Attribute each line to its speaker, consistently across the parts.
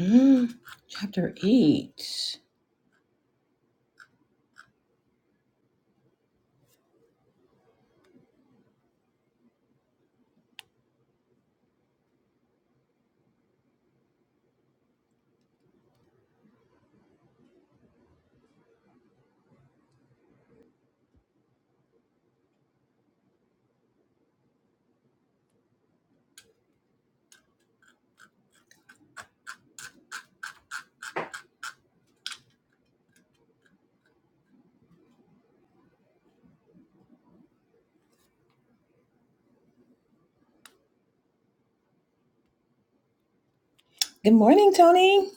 Speaker 1: Mm, chapter 8. Good morning, Tony.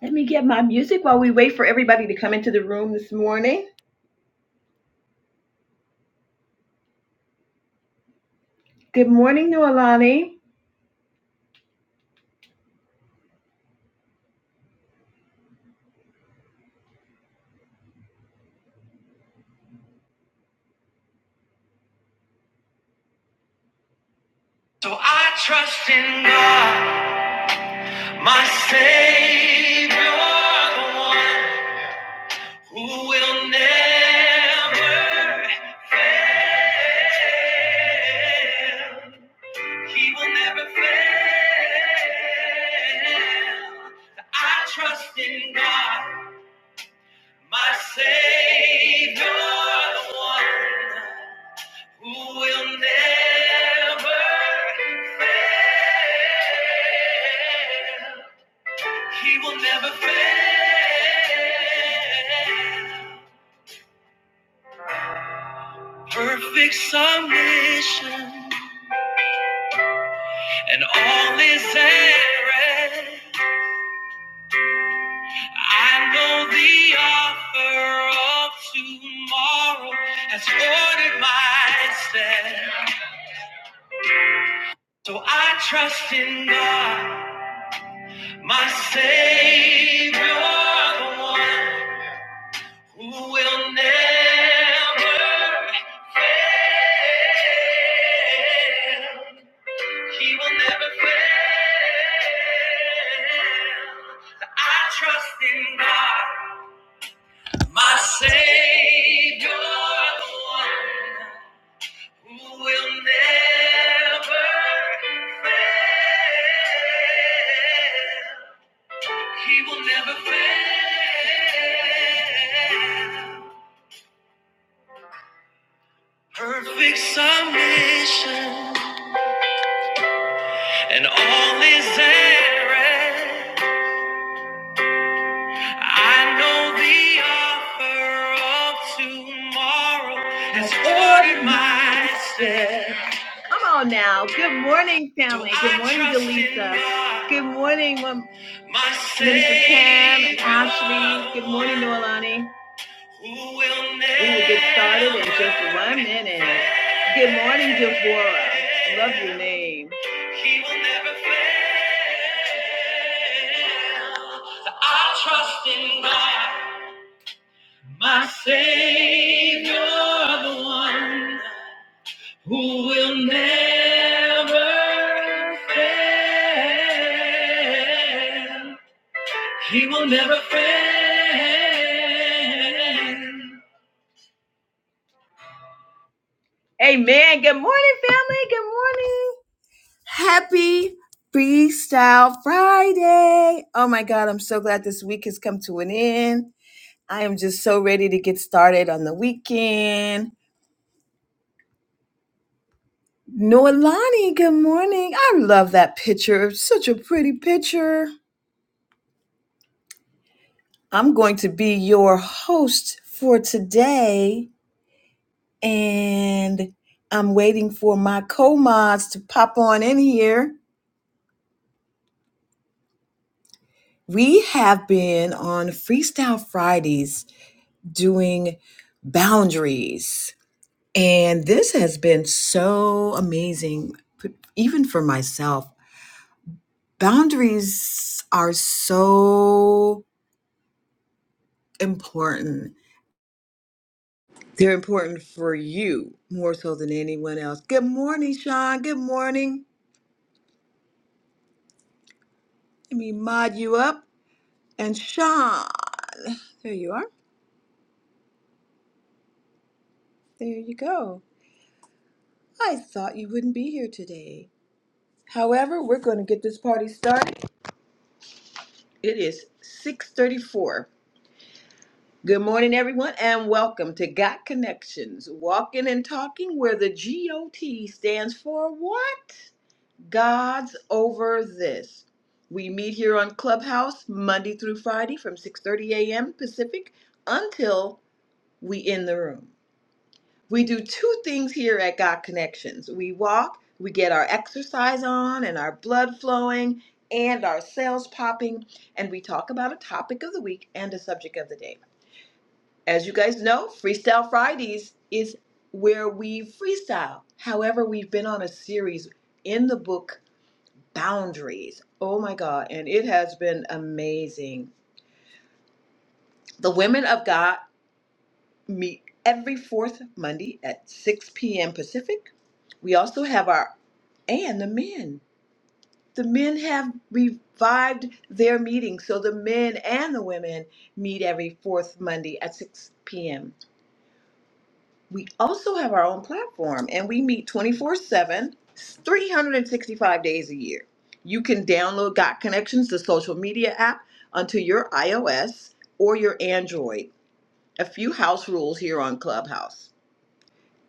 Speaker 1: Let me get my music while we wait for everybody to come into the room this morning. Good morning, Noelani. So I trust in God, my Savior, the one who will never fail. He will never fail. I trust in God. My Savior, the one who will never fail. He will never fail. Perfect submission and all is at rest. I know the author of tomorrow has ordered my steps. So I trust in God. My Savior, the one who will never fail. He will never fail. So I trust in God, my Savior, the one who will never fail. He will never fail. Perfect submission and all is at rest. I know the offer of tomorrow has ordered my steps. Come on now. Good morning, family. Good morning, Delisa. Good morning, Mom- Minister Pam and Ashley. Good morning, Noelani. We will get started in just one minute. Good morning, Devorah. Love your name. He will never fail. So I trust in God, my Savior, the one who will never fail. He will never fail. Amen. Good morning, family. Good morning. Happy Freestyle Friday. Oh my God, I'm so glad this week has come to an end. I am just so ready to get started on the weekend. Noelani, good morning. I love that picture. Such a pretty picture. I'm going to be your host for today, and I'm waiting for my co mods to pop on in here. We have been on Freestyle Fridays doing boundaries. And this has been so amazing, even for myself. Boundaries are so important. They're important for you more so than anyone else. Good morning, Sean. Good morning. Let me mod you up. And Sean, there you are. There you go. I thought you wouldn't be here today. However, we're going to get this party started. It is 6:34. Good morning everyone and welcome to Got Connections, walking and talking where the GOT stands for what? God's over this. We meet here on Clubhouse Monday through Friday from 6:30 a.m. Pacific until we end the room. we do two things here at God Connections. We walk, we get our exercise on and our blood flowing and our cells popping, and we talk about a topic of the week and a subject of the day. As you guys know, Freestyle Fridays is where we freestyle. However, we've been on a series in the book Boundaries. Oh my God, and it has been amazing. The women of God meet every fourth Monday at 6 p.m. Pacific. We also have our, and the men. The men have revived their meeting, so the men and the women meet every fourth Monday at 6 p.m. We also have our own platform and we meet 24 7, 365 days a year. You can download Got Connections, the social media app, onto your iOS or your Android. A few house rules here on Clubhouse.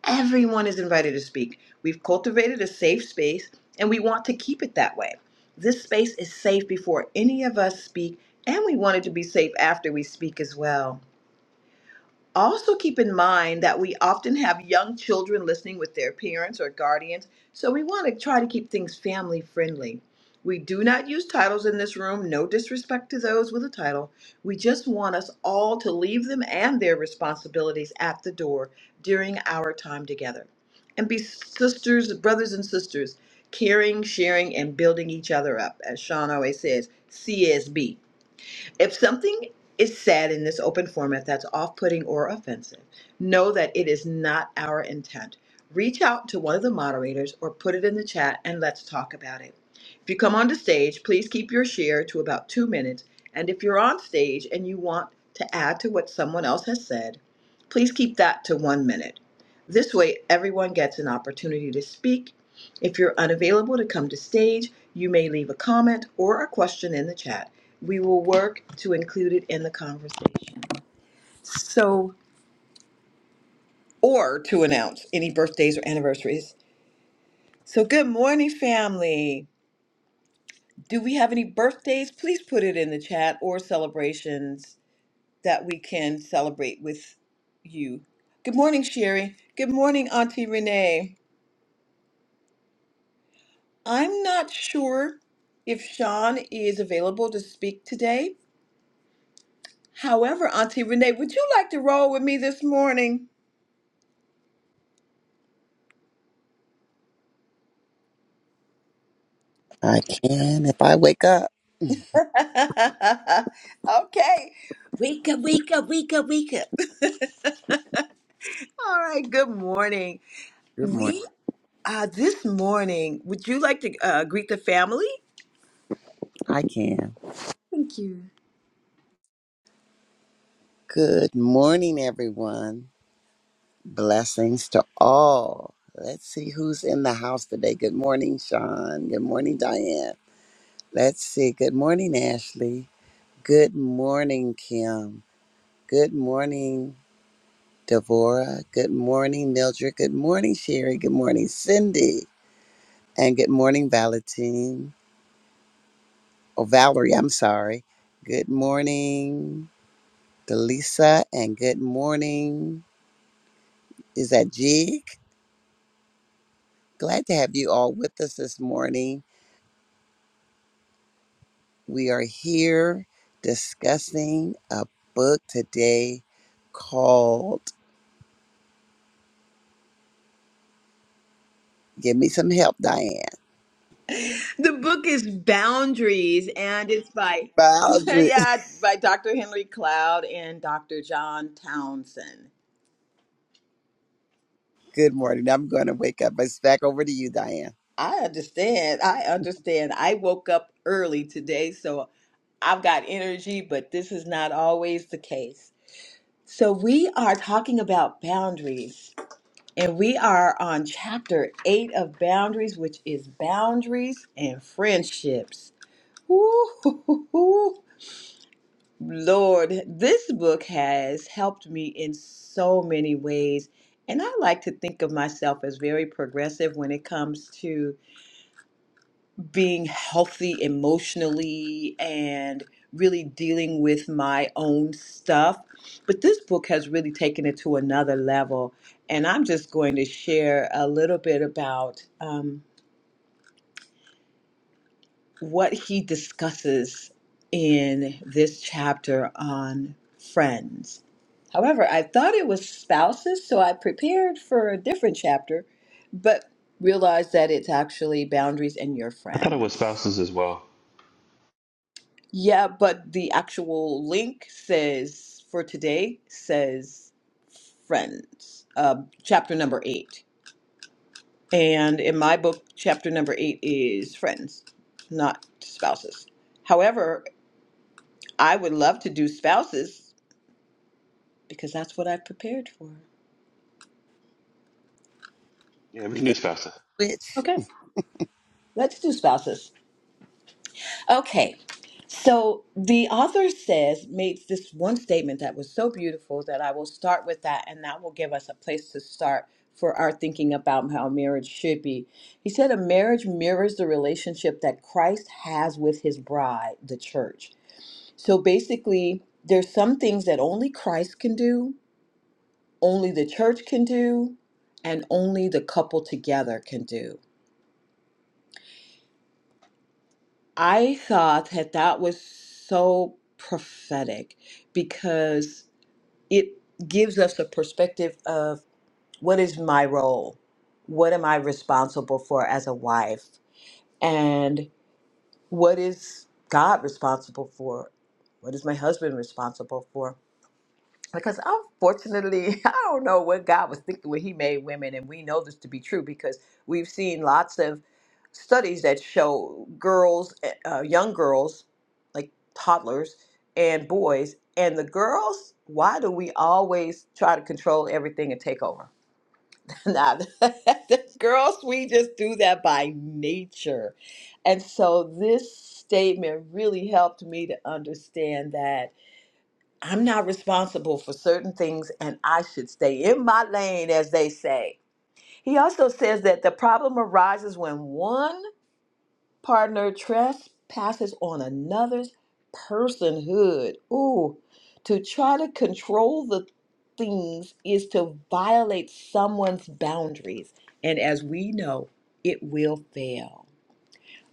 Speaker 1: Everyone is invited to speak. We've cultivated a safe space and we want to keep it that way. This space is safe before any of us speak, and we want it to be safe after we speak as well. Also, keep in mind that we often have young children listening with their parents or guardians, so we want to try to keep things family friendly. We do not use titles in this room, no disrespect to those with a title. We just want us all to leave them and their responsibilities at the door during our time together. And be sisters, brothers, and sisters, caring, sharing, and building each other up. As Sean always says, CSB. If something is said in this open format that's off putting or offensive, know that it is not our intent. Reach out to one of the moderators or put it in the chat and let's talk about it. If you come onto stage, please keep your share to about two minutes. And if you're on stage and you want to add to what someone else has said, please keep that to one minute. This way, everyone gets an opportunity to speak. If you're unavailable to come to stage, you may leave a comment or a question in the chat. We will work to include it in the conversation. So, or to announce any birthdays or anniversaries. So, good morning, family. Do we have any birthdays? Please put it in the chat or celebrations that we can celebrate with you. Good morning, Sherry. Good morning, Auntie Renee. I'm not sure if Sean is available to speak today. However, Auntie Renee, would you like to roll with me this morning?
Speaker 2: I can if I wake up.
Speaker 1: okay. Wake up, wake up, wake up, wake up. All right, good morning.
Speaker 2: Good morning.
Speaker 1: We uh this morning, would you like to uh, greet the family?
Speaker 2: I can.
Speaker 1: Thank you.
Speaker 2: Good morning, everyone. Blessings to all. Let's see who's in the house today. Good morning, Sean. Good morning, Diane. Let's see. Good morning, Ashley. Good morning, Kim. Good morning, Devorah. Good morning, Mildred. Good morning, Sherry. Good morning, Cindy. And good morning, Valentine. Or Valerie, I'm sorry. Good morning. Delisa, and good morning. Is that Jig? Glad to have you all with us this morning. We are here discussing a book today called Give Me Some Help, Diane.
Speaker 1: The book is Boundaries and it's by
Speaker 2: Boundary.
Speaker 1: yeah, by Dr. Henry Cloud and Dr. John Townsend.
Speaker 2: Good morning. I'm going to wake up. It's back over to you, Diane.
Speaker 1: I understand. I understand. I woke up early today, so I've got energy, but this is not always the case. So, we are talking about boundaries, and we are on chapter eight of boundaries, which is boundaries and friendships. Ooh, Lord, this book has helped me in so many ways. And I like to think of myself as very progressive when it comes to being healthy emotionally and really dealing with my own stuff. But this book has really taken it to another level. And I'm just going to share a little bit about um, what he discusses in this chapter on friends. However, I thought it was spouses, so I prepared for a different chapter, but realized that it's actually boundaries and your
Speaker 3: I thought it was
Speaker 1: friends.
Speaker 3: spouses as well.
Speaker 1: Yeah, but the actual link says for today says friends, uh, chapter number eight. And in my book, chapter number eight is friends, not spouses. However, I would love to do spouses because that's what I've prepared for.
Speaker 3: Yeah, we
Speaker 2: We
Speaker 3: can do
Speaker 2: can
Speaker 3: spouses.
Speaker 2: switch.
Speaker 1: Okay, let's do spouses. Okay. So the author says, makes this one statement that was so beautiful that I will start with that, and that will give us a place to start for our thinking about how marriage should be. He said, A marriage mirrors the relationship that Christ has with his bride, the church. So basically, there's some things that only Christ can do, only the church can do, and only the couple together can do. I thought that that was so prophetic because it gives us a perspective of what is my role? What am I responsible for as a wife? And what is God responsible for? What is my husband responsible for? because unfortunately, I don't know what God was thinking when He made women, and we know this to be true because we've seen lots of studies that show girls, eh, uh, young girls, like toddlers and boys, and the girls. Why do we always try to control everything and take over? now, the girls, we just do that by nature, and so this statement really helped me to understand that I'm not responsible for certain things and I should stay in my lane, as they say. He also says that the problem arises when one partner trespasses on another's personhood. Ooh, to try to control the things is to violate someone's boundaries. And as we know, it will fail.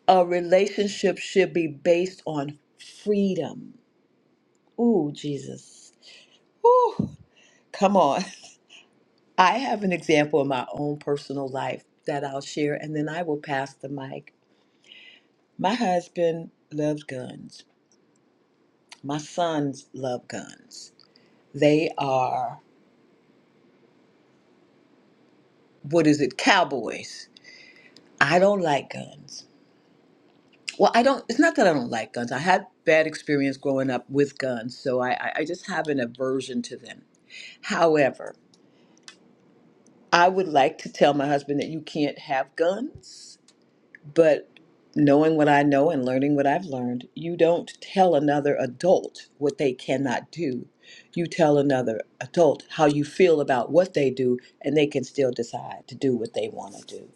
Speaker 1: A relationship should be based on freedom. Ooh, Jesus. Ooh, come on. I have an example in my own personal life that I'll share, and then I will pass the mic. My husband loves guns. My sons love guns. They are, what is it, cowboys. I don't like guns. Well, I don't, it's not that I don't like guns. I had bad experience growing up with guns, so I, I I just have an aversion to them. However, I would like to tell my husband that you can't have guns But knowing what I know and learning what I've learned, you don't tell another adult what they cannot do. You tell another adult how you feel about what they do, and they can still decide to do what they want to do.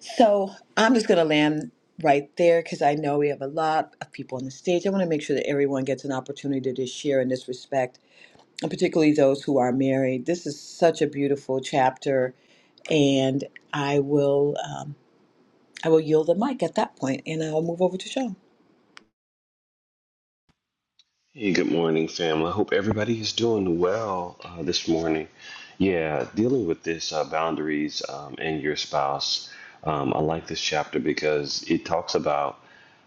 Speaker 1: So I'm just going to land right there because I know we have a lot of people on the stage. I want to make sure that everyone gets an opportunity to share in this respect, and particularly those who are married. This is such a beautiful chapter and I will. Um, I will yield the mic at that point and I'll move over to Sean.
Speaker 3: Hey, good morning, family. I hope everybody is doing well uh, this morning. Yeah, dealing with this uh, boundaries um, and your spouse. Um, I like this chapter because it talks about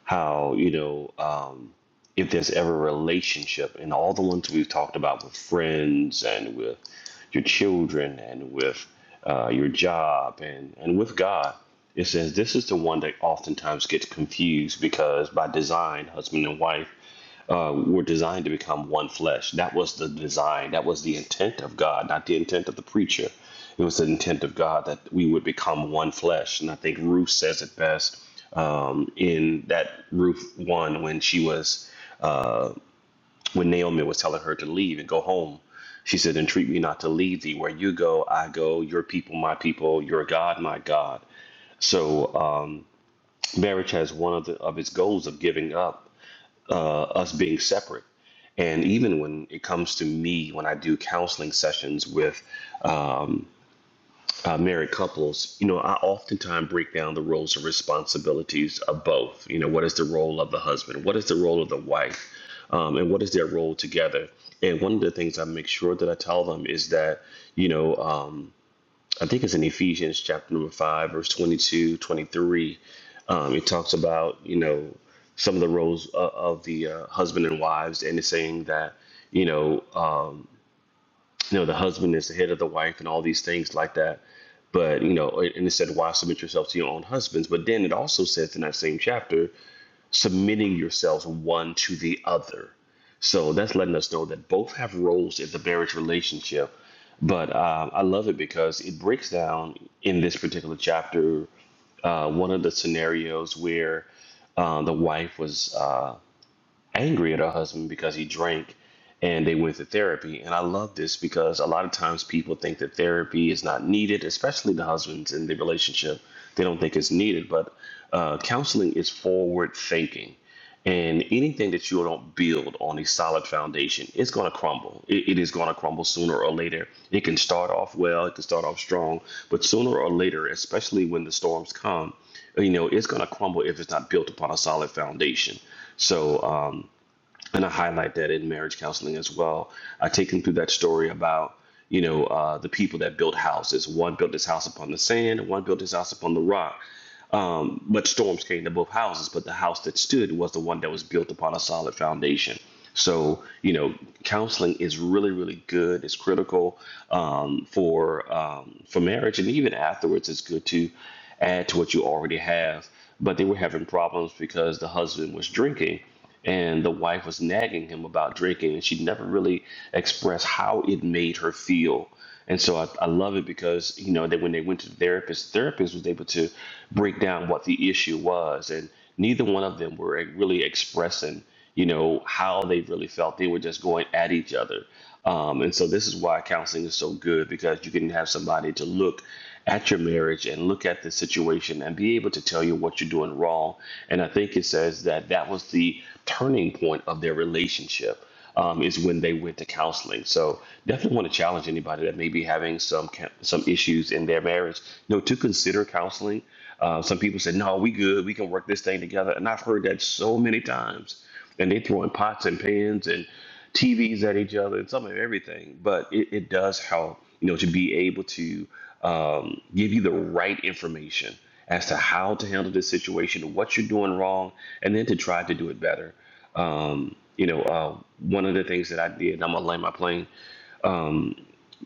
Speaker 3: how you know um, if there's ever a relationship and all the ones we've talked about with friends and with your children and with uh, your job and and with God it says this is the one that oftentimes gets confused because by design husband and wife uh, were designed to become one flesh. That was the design. That was the intent of God, not the intent of the preacher. It was the intent of God that we would become one flesh. And I think Ruth says it best um, in that Ruth one when she was when Naomi was telling her to leave and go home. She said, "Entreat me not to leave thee. Where you go, I go. Your people, my people. Your God, my God." So um, marriage has one of, the, of its goals of giving up uh, us being separate And even when it comes to me, when I do counseling sessions with um, uh, married couples, you know, I oftentimes break down the roles and responsibilities of both. You know, what is the role of the husband? What is the role of the wife? Um, and what is their role together? And one of the things I make sure that I tell them is that, you know, um, I think it's in Ephesians chapter number five, verse 22, 23. Um, it talks about, you know, some of the roles of, of the uh, husband and wives, and it's saying that, you know you know the husband is the head of the wife and all these things like that but you know and it said why submit yourselves to your own husbands but then it also says in that same chapter submitting yourselves one to the other so that's letting us know that both have roles in the marriage relationship but um, i love it because it breaks down in this particular chapter uh, one of the scenarios where uh, the wife was uh, angry at her husband because he drank and they went to therapy. And I love this because a lot of times people think that therapy is not needed, especially the husbands in the relationship. They don't think it's needed, but uh, counseling is forward thinking. And anything that you don't build on a solid foundation, it's going to crumble. It, it is going to crumble sooner or later. It can start off well, it can start off strong, but sooner or later, especially when the storms come, you know, it's going to crumble if it's not built upon a solid foundation. So, um, and I highlight that in marriage counseling as well. I take them through that story about you know uh, the people that built houses. One built his house upon the sand, and one built his house upon the rock. Um, but storms came to both houses, but the house that stood was the one that was built upon a solid foundation. So you know, counseling is really, really good. It's critical um, for um, for marriage, and even afterwards, it's good to add to what you already have. But they were having problems because the husband was drinking and the wife was nagging him about drinking and she never really expressed how it made her feel and so I, I love it because you know that when they went to the therapist the therapist was able to break down what the issue was and neither one of them were really expressing you know how they really felt they were just going at each other um, and so this is why counseling is so good because you can have somebody to look at your marriage and look at the situation and be able to tell you what you're doing wrong and i think it says that that was the turning point of their relationship um, is when they went to counseling. So definitely want to challenge anybody that may be having some ca- some issues in their marriage, you know, to consider counseling. Uh, some people say, "No, we good. We can work this thing together," and I've heard that so many times and they throwing pots and pans and TVs at each other and some of everything. But it, it does help, you know, to be able to um, give you the right information as to how to handle this situation, what you're doing wrong, and then to try to do it better. Um, you know, uh, one of the things that I did, and I'm gonna land my plane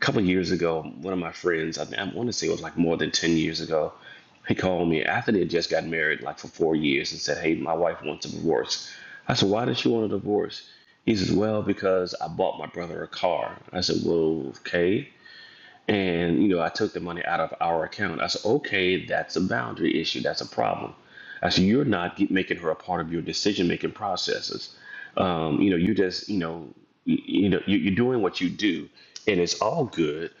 Speaker 3: a couple years ago, one of my friends, I, I want to say it was like more than 10 years ago, he called me after they had just got married, like for four years, and said, Hey, my wife wants a divorce. I said, Why does she want a divorce? He says, Well, because I bought my brother a car. I said, Well, okay. And, you know, I took the money out of our account. I said, Okay, that's a boundary issue. That's a problem. I said, You're not get- making her a part of your decision making processes. Um, you know, you just, you know, you, you know, you, you're doing what you do, and it's all good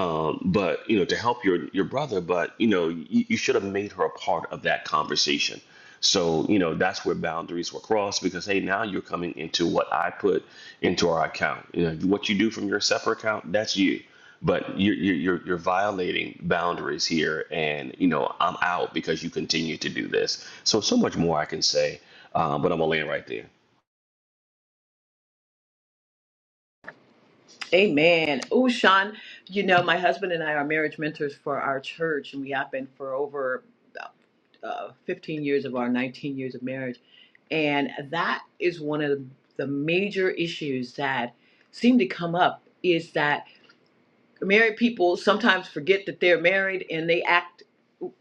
Speaker 3: um, but you know to help your your brother but you know you, you should have made her a part of that conversation so you know that's where boundaries were crossed because hey now you're coming into what i put into our account you know what you do from your separate account that's you but you're you're you're, you're violating boundaries here and you know i'm out because you continue to do this so so much more i can say uh, but i'm gonna land right there
Speaker 1: Amen. Oh, Sean, you know, my husband and I are marriage mentors for our church, and we have been for over uh, uh, 15 years of our 19 years of marriage. And that is one of the major issues that seem to come up is that married people sometimes forget that they're married and they act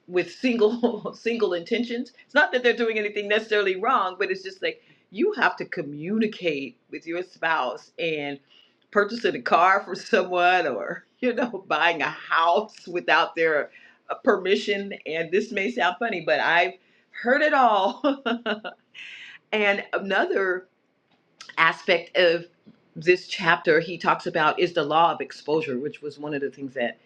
Speaker 1: with single single intentions it's not that they're doing anything necessarily wrong but it's just like you have to communicate with your spouse and purchasing a car for someone or you know buying a house without their uh, permission and this may sound funny but i've heard it all and another aspect of this chapter he talks about is the law of exposure, which was one of the things that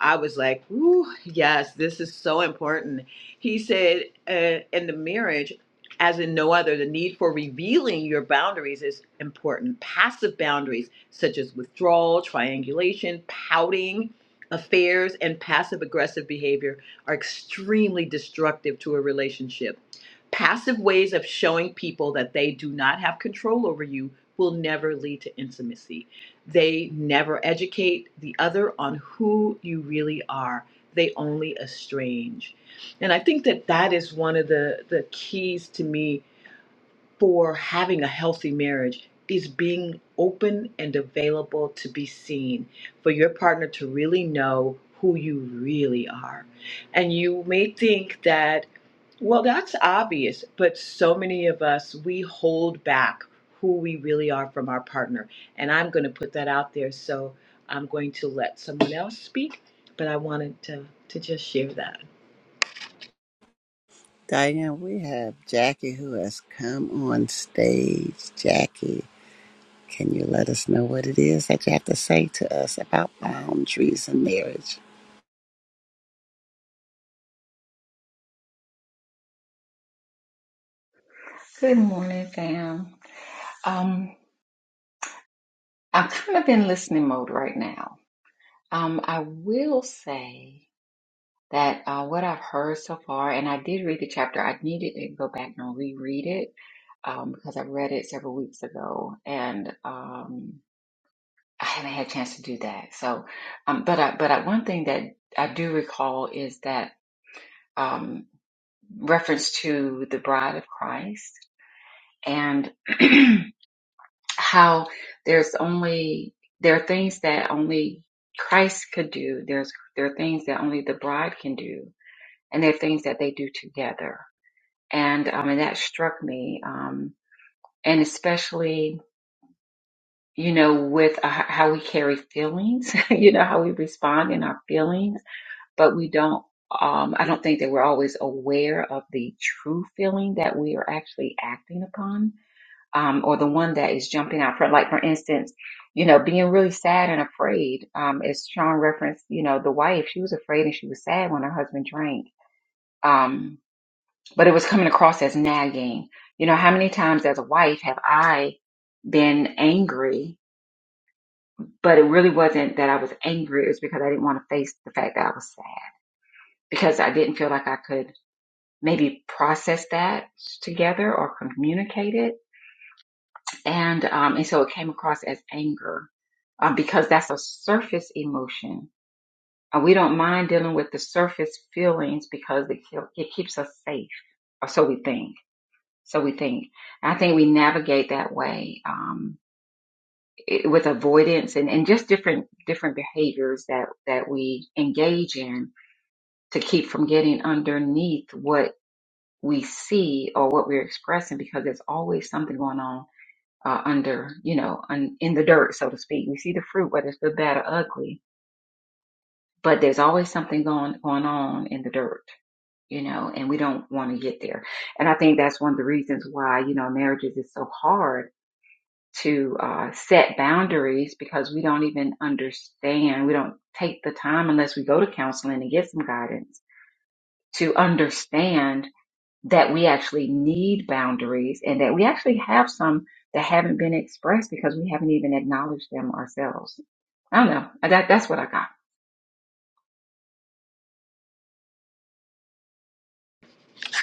Speaker 1: I was like, Ooh, yes, this is so important. He said, uh, in the marriage, as in no other, the need for revealing your boundaries is important. Passive boundaries, such as withdrawal, triangulation, pouting, affairs, and passive aggressive behavior, are extremely destructive to a relationship Passive ways of showing people that they do not have control over you will never lead to intimacy. They never educate the other on who you really are. They only estrange. And I think that that is one of the, the keys to me for having a healthy marriage is being open and available to be seen for your partner to really know who you really are. And you may think that well, that's obvious, but so many of us, we hold back who we really are from our partner. And I'm going to put that out there. So I'm going to let someone else speak, but I wanted to, to just share that.
Speaker 2: Diane, we have Jackie who has come on stage. Jackie, can you let us know what it is that you have to say to us about boundaries in marriage?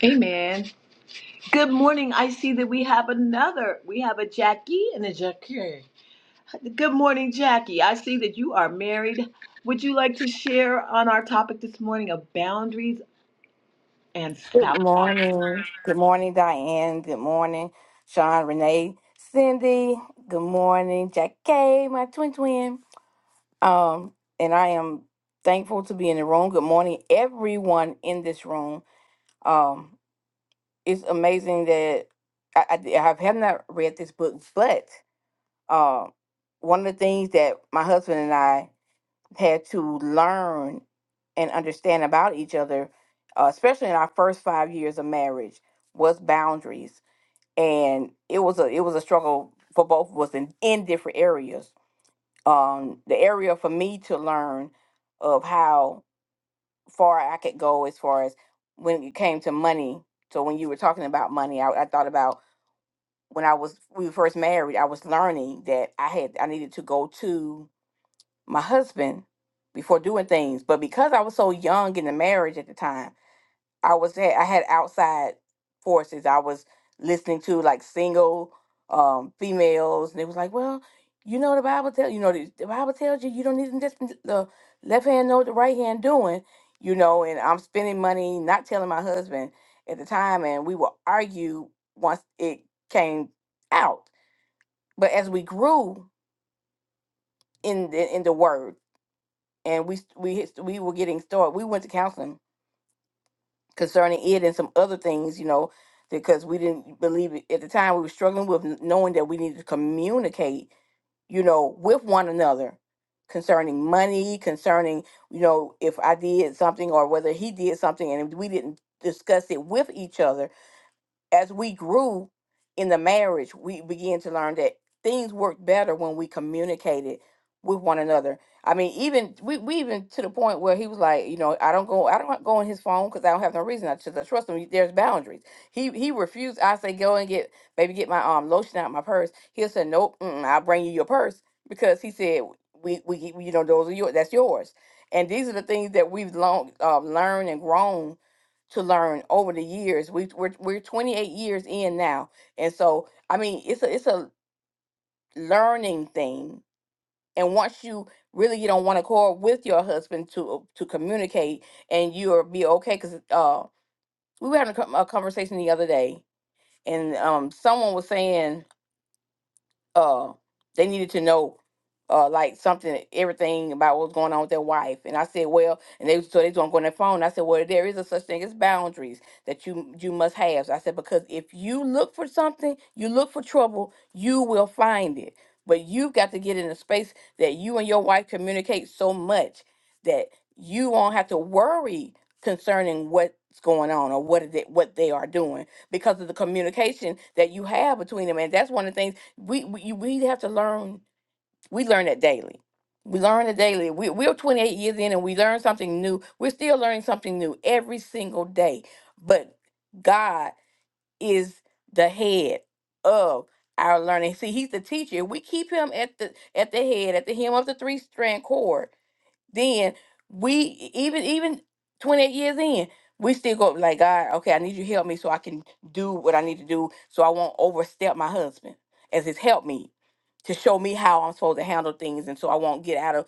Speaker 1: Amen. Good morning. I see that we have another. We have a Jackie and a Jackie. Good morning, Jackie. I see that you are married. Would you like to share on our topic this morning of boundaries and
Speaker 4: Good
Speaker 1: spouse?
Speaker 4: morning. Good morning, Diane. Good morning, Sean, Renee, Cindy. Good morning, Jack K, my twin twin. Um, and I am thankful to be in the room. Good morning, everyone in this room. Um, it's amazing that I, I, I have have not read this book, but uh, one of the things that my husband and I had to learn and understand about each other, uh, especially in our first five years of marriage, was boundaries, and it was a it was a struggle for both of us in, in different areas. Um, the area for me to learn of how far I could go as far as when it came to money. So when you were talking about money, I, I thought about when I was we were first married. I was learning that I had I needed to go to my husband before doing things. But because I was so young in the marriage at the time, I was at, I had outside forces. I was listening to like single um, females, and they was like, "Well, you know the Bible tell you know the, the Bible tells you you don't need to just the left hand know what the right hand doing, you know." And I'm spending money, not telling my husband at the time, and we would argue once it came out. But as we grew in the, in the word and we we hit- we were getting started. We went to counseling concerning it and some other things, you know, because we didn't believe it at the time. We were struggling with n- knowing that we needed to communicate, you know, with one another concerning money, concerning you know if I did something or whether he did something, and we didn't discuss it with each other as we grew in the marriage, we began to learn that things work better when we communicated with one another. I mean, even we, we even to the point where he was like, you know, I don't go, I don't go on his phone because I don't have no reason. I just I trust him. There's boundaries. He he refused. I say go and get, baby, get my um lotion out of my purse. He'll say nope. mm I'll bring you your purse because he said we we you know those are your that's yours. And these are the things that we've long uh, learned and grown to learn over the years. We we're we're 28 years in now. And so I mean it's a it's a learning thing. And once you really get on one accord with your husband to uh, to communicate and you'll be okay because uh we were having a co- a conversation the other day and um someone was saying uh they needed to know uh like something everything about what was going on with their wife and i said well and they so they don't go on their phone i said well there is a such thing as boundaries that you you must have so i said because if you look for something you look for trouble you will find it but you've got to get in a space that you and your wife communicate so much that you won't have to worry concerning what's going on or what it, what they are doing because of the communication that you have between them and that's one of the things we we, you- we have to learn we learn it daily we learn it daily we, we're 28 years in and we learn something new we're still learning something new every single day but god is the head of our learning see he's the teacher If we keep him at the at the head at the hem of the three strand cord then we e-, even even 28 years in we still go like god okay i need you to help me so i can do what i need to do so i won't overstep my husband as his help me to show me how i'm supposed to handle things and so i won't get out of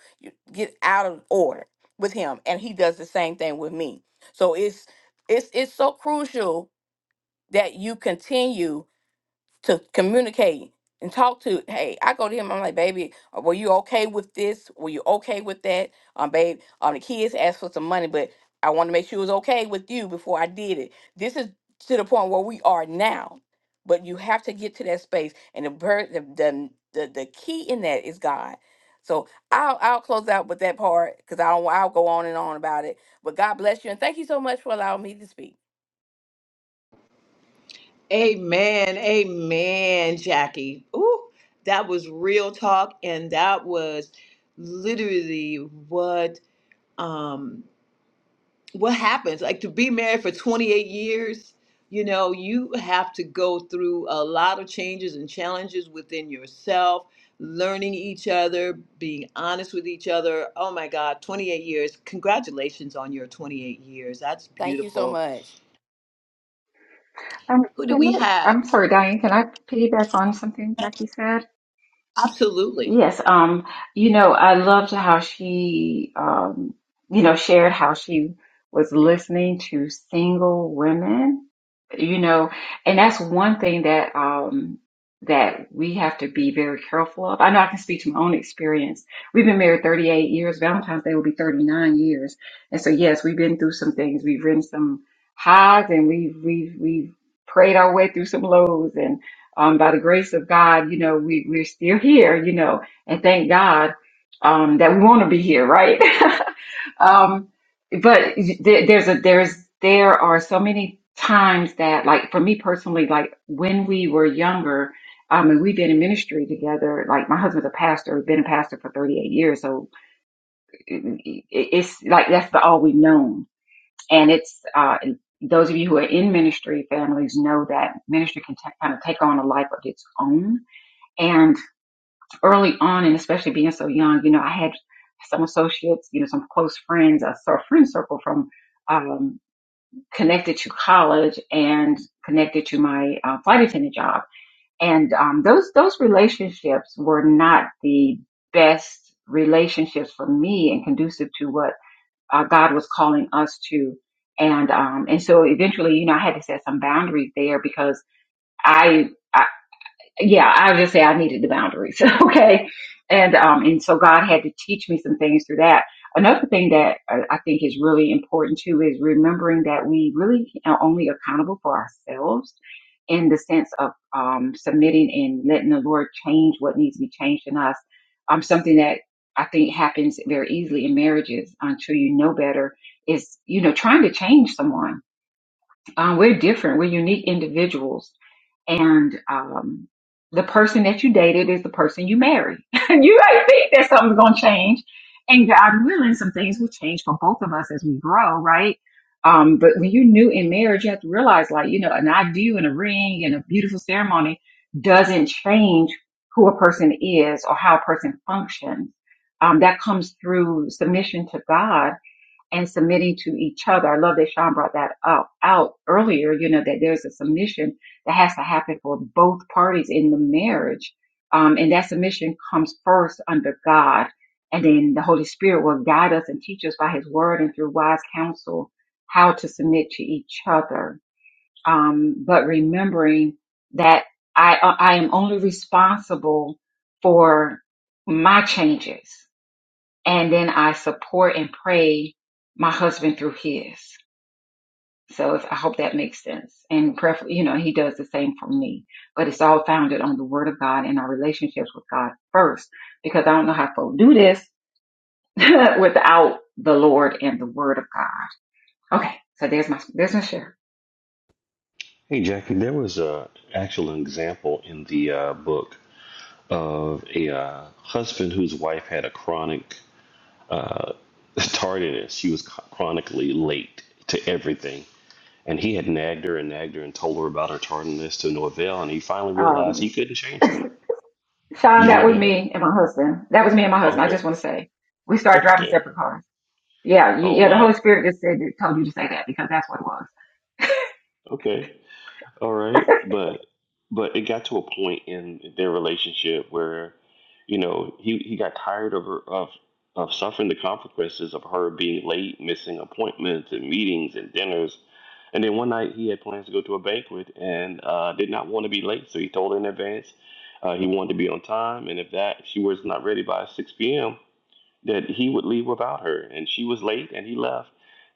Speaker 4: get out of order with him and he does the same thing with me so it's it's it's so crucial that you continue to communicate and talk to. Hey, I go to him. I'm like, baby, uh, were you okay with this? Were you okay with that? Um, babe, um, the kids asked for some money, but I want to make sure it was okay with you before I did it. This is to the point where we are now, but you have to get to that space, and the bird, the the the, the key in that is God. So I'll I'll close out with that part because I don't I'll go on and on about it. But God bless you and thank you so much for allowing me to speak.
Speaker 1: Amen. Amen, Jackie. Ooh, that was real talk and that was literally what um what happens. Like to be married for 28 years, you know, you have to go through a lot of changes and challenges within yourself, learning each other, being honest with each other. Oh my God, 28 years. Congratulations on your 28 years. That's
Speaker 4: Thank you so
Speaker 1: beautiful.
Speaker 4: much.
Speaker 1: Who do we have? Absolutely.
Speaker 3: hey jackie there was a actual example in the uh, book of a uh, husband whose wife had a chronic uh, tardiness. She was chronically late to everything. And he had nagged her and nagged her and told her about her tardiness to no avail. And he finally realized he couldn't change her. You read that? Okay. Okay. Oh, wow. Okay. All right, but but it got to a point in their relationship where, you know, he he got tired of her of of suffering the consequences of her being late, missing appointments and meetings and dinners. And then one night he had plans to go to a banquet and uh, did not want to be late, so he told her in advance uh, he wanted to be on time, and if that if she was not ready by six p.m that he would leave without her. And she was late and he left,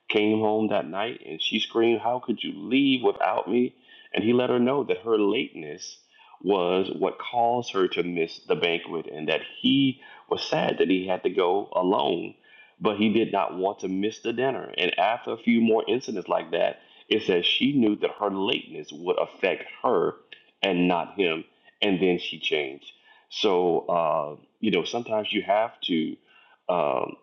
Speaker 3: came home that night, and she screamed, How could you leave without me? And he let her know that her lateness was what caused her to miss the banquet and that he was sad that he had to go alone, but he did not want to miss the dinner. And after a few more incidents like that, it says she knew that her lateness would affect her and not him. And then she changed. So, uh, you know, sometimes you have to um,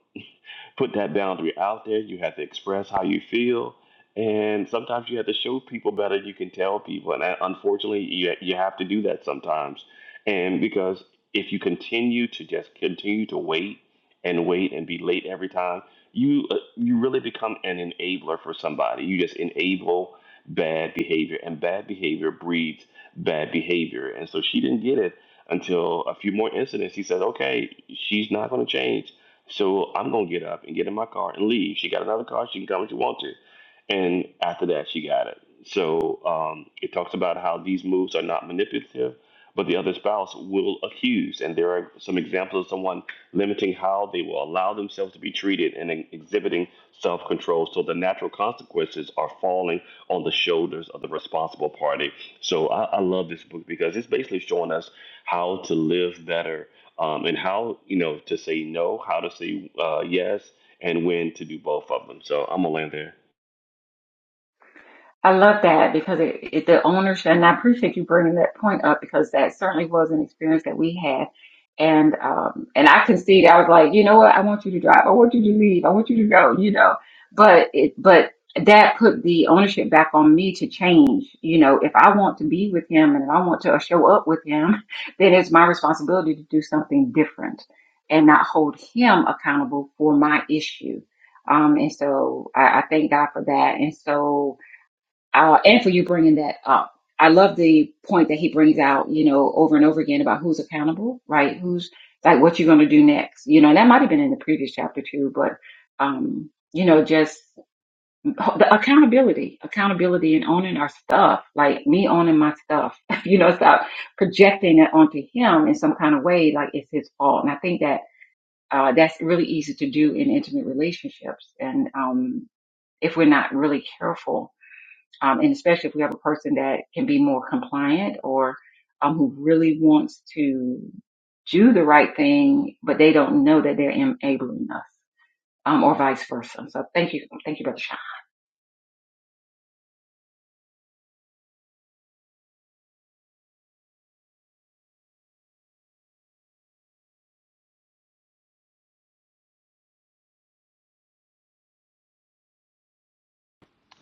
Speaker 3: put that boundary out there. You have to express how you feel, and sometimes you have to show people better. You can tell people, and that, unfortunately, you you have to do that sometimes. And because if you continue to just continue to wait and wait and be late every time, you uh, you really become an enabler for somebody. You just enable bad behavior, and bad behavior breeds bad behavior. And so she didn't get it until a few more incidents. He said, "Okay, she's not going to change." So I'm gonna get up and get in my car and leave. She got another car. She can come if she wants to. And after that, she got it. So um, it talks about how these moves are not manipulative, but the other spouse will accuse. And there are some examples of someone limiting how they will allow themselves to be treated and ex- exhibiting self control. So the natural consequences are falling on the shoulders of the responsible party. So I, I love this book because it's basically showing us how to live better um, and how you know to say no, how to say uh, yes, and when to do both of them. So I'm gonna land there.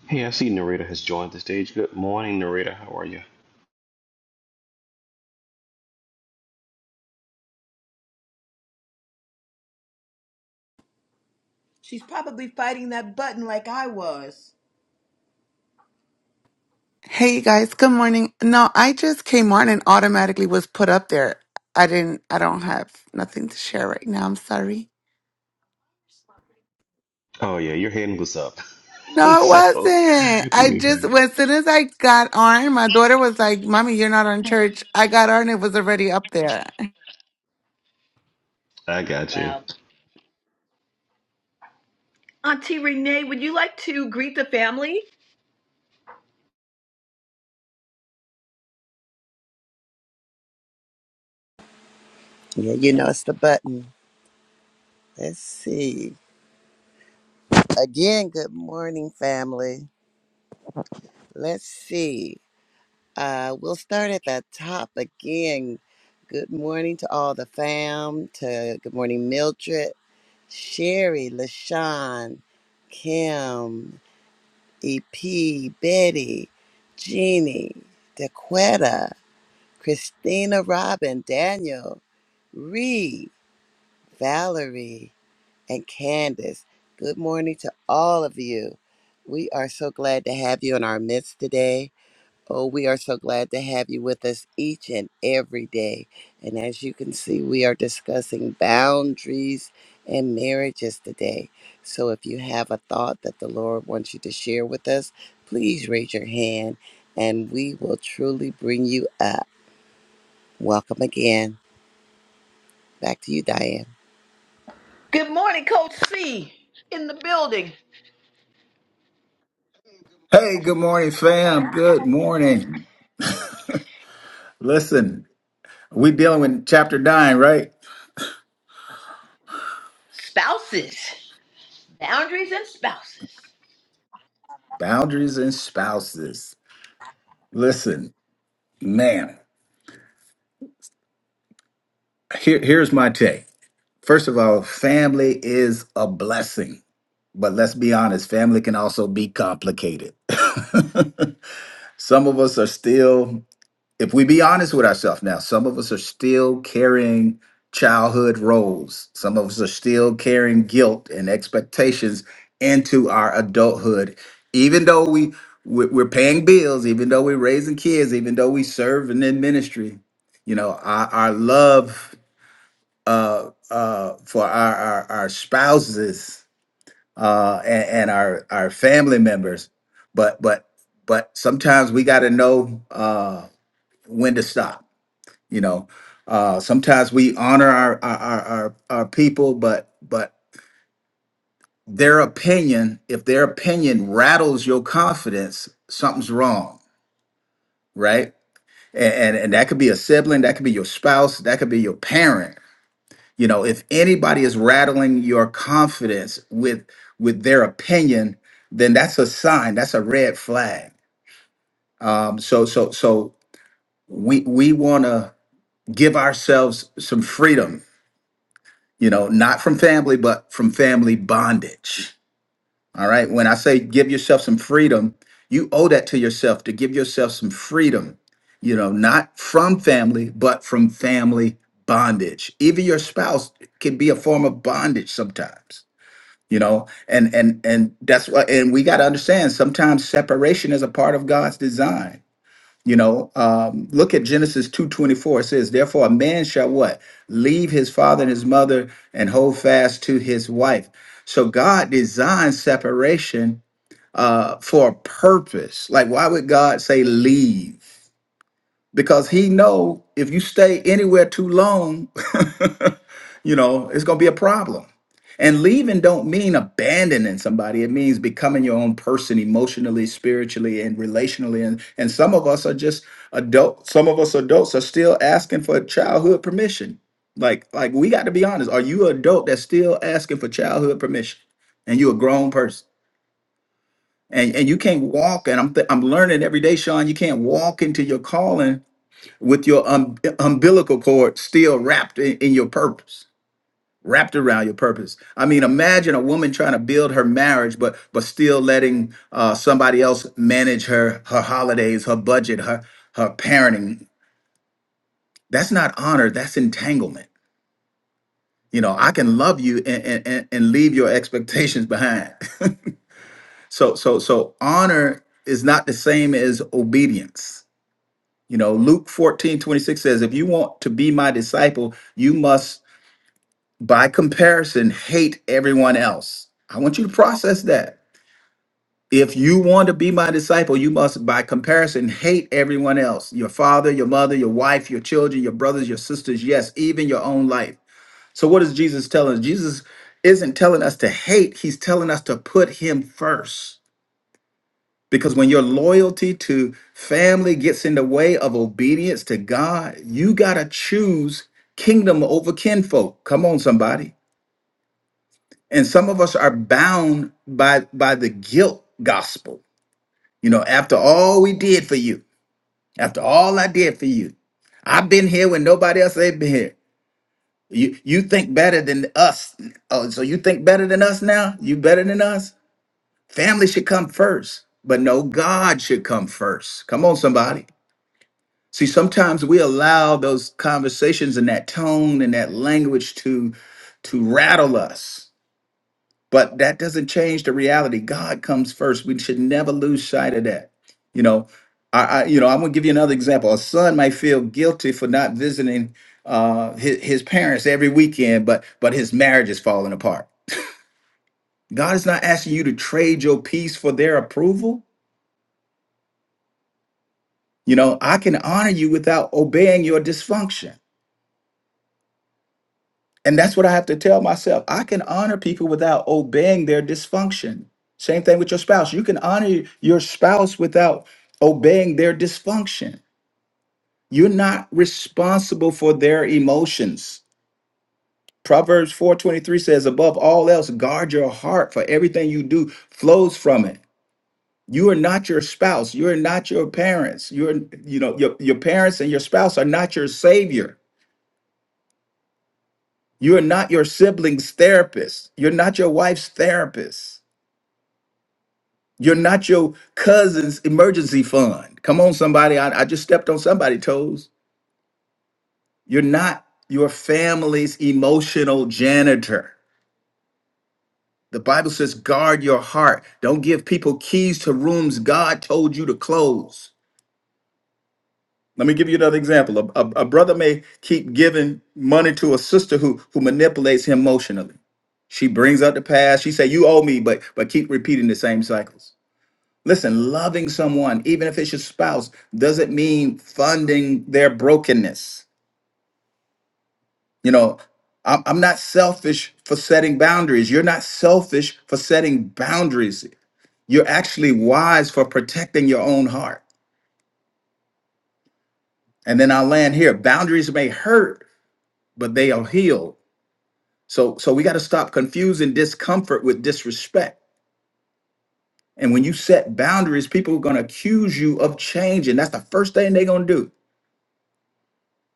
Speaker 3: Hey, I see Narita has joined the stage. Good morning, Narita. How are you?
Speaker 1: She's probably fighting that button like I was.
Speaker 5: Hey you guys, good morning. No, I just came on and automatically was put up there. I didn't, I don't have nothing to share right now. I'm sorry.
Speaker 3: Oh yeah, your hand was up.
Speaker 5: No, it
Speaker 3: so
Speaker 5: wasn't. I
Speaker 3: we
Speaker 5: just,
Speaker 3: heard.
Speaker 5: well, as soon as I got on, my daughter was like, Mommy, you're not on church. I got on, it was already up there.
Speaker 3: I got you.
Speaker 1: Wow. Auntie Renee, would you like to greet the family?
Speaker 2: Yeah, you know it's the button. Let's see. Again, good morning, family. Let's see. Uh, we'll start at the top again. Good morning to all the fam. To good morning, Mildred, Sherry, Lashawn, Kim, EP, Betty, Jeannie, DeQuetta, Christina, Robin, Daniel, Ree, Valerie. and Candace. Good morning to all of you. We are so glad to have you in our midst today. Oh, we are so glad to have you with us each and every day. And as you can see, we are discussing boundaries and marriages today. So if you have a thought that the Lord wants you to share with us, please raise your hand and we will truly bring you up. Welcome again. Back to you, Diane.
Speaker 1: Good morning, Coach C. In the building.
Speaker 6: Hey, good morning, fam. Good morning. Listen, we dealing with chapter nine, right?
Speaker 1: Spouses. Boundaries and spouses.
Speaker 6: Boundaries and spouses. Listen, man, here, here's my take. First of all, family is a blessing, but let's be honest, family can also be complicated. Some of us are still if we be honest with ourselves now, some of us are still carrying childhood roles. Some of us are still carrying guilt and expectations into our adulthood, even though we we- we're paying bills, even though we're raising kids, even though we serve and in ministry. You know, our, our love uh, uh, for our, our our spouses uh, and, and our our family members, but but but sometimes we got to know uh, when to stop you know uh sometimes we honor our our our, our, our people but but their opinion if their opinion rattles your confidence something's wrong right and, and and that could be a sibling that could be your spouse that could be your parent you know if anybody is rattling your confidence with with their opinion then that's a sign that's a red flag um so so so we we want to give ourselves some freedom you know, not from family, but from family bondage. All right. When I say give yourself some freedom, you owe that to yourself to give yourself some freedom, you know, not from family, but from family bondage. Even your spouse can be a form of bondage sometimes, you know, and and and that's what and we got to understand sometimes separation is a part of God's design you know, um, look at Genesis 2:24. It says, "Therefore a man shall what? Leave his father and his mother and hold fast to his wife." So God designed separation uh, for a purpose. Like, why would God say leave? Because He know if you stay anywhere too long, you know it's going to be a problem and leaving don't mean abandoning somebody it means becoming your own person emotionally spiritually and relationally and and some of us are just adult some of us adults are still asking for childhood permission like like we got to be honest are you an adult that's still asking for childhood permission and you're a grown person and and you can't walk and i'm th- i'm learning every day sean you can't walk into your calling with your um, umbilical cord still wrapped in in your purpose wrapped around your purpose. I mean, imagine a woman trying to build her marriage, but but still letting uh, somebody else manage her her holidays, her budget, her her parenting. That's not honor. That's entanglement. You know, I can love you and and, and and leave your expectations behind. so so so honor is not the same as obedience. You know, Luke 14 26 says, if you want to be my disciple, you must, by comparison, hate everyone else. I want you to process that If you want to be my disciple, you must, by comparison, hate everyone else your father, your mother, your wife, your children, your brothers, your sisters, yes, even your own life. So, what is Jesus telling us? Jesus isn't telling us to hate, he's telling us to put him first. Because when your loyalty to family gets in the way of obedience to God, you got to choose kingdom over kinfolk. Come on, somebody. And some of us are bound by, by the guilt gospel You know, after all we did for you, after all I did for you, I've been here when nobody else ain't been here. You you think better than us. Oh, so you think better than us now? You better than us? Family should come first, but no, God should come first. Come on, somebody. See, sometimes we allow those conversations and that tone and that language to to rattle us But that doesn't change the reality. God comes first. We should never lose sight of that. You know, I, I you know, I'm gonna give you another example. A son might feel guilty for not visiting uh his, his parents every weekend, but but his marriage is falling apart. God is not asking you to trade your peace for their approval. You know, I can honor you without obeying your dysfunction. And that's what I have to tell myself. I can honor people without obeying their dysfunction. Same thing with your spouse. You can honor your spouse without obeying their dysfunction. You're not responsible for their emotions. Proverbs 4:23 says, "Above all else, guard your heart, for everything you do flows from it." You are not your spouse. You are not your parents. You're, you know, your, your parents and your spouse are not your savior. You are not your sibling's therapist. You're not your wife's therapist You're not your cousin's emergency fund. Come on, somebody. I, I just stepped on somebody's toes. You're not your family's emotional janitor. The Bible says, guard your heart. Don't give people keys to rooms God told you to close. Let me give you another example. A, a, a brother may keep giving money to a sister who, who manipulates him emotionally. She brings up the past. She say, "You owe me," but but keep repeating the same cycles. Listen, loving someone, even if it's your spouse, doesn't mean funding their brokenness. You know, I'm I'm not selfish for setting boundaries. You're not selfish for setting boundaries. You're actually wise for protecting your own heart. And then I'll land here. Boundaries may hurt, but they are healed. So, so we got to stop confusing discomfort with disrespect. And when you set boundaries, people are going to accuse you of changing. That's the first thing they're going to do.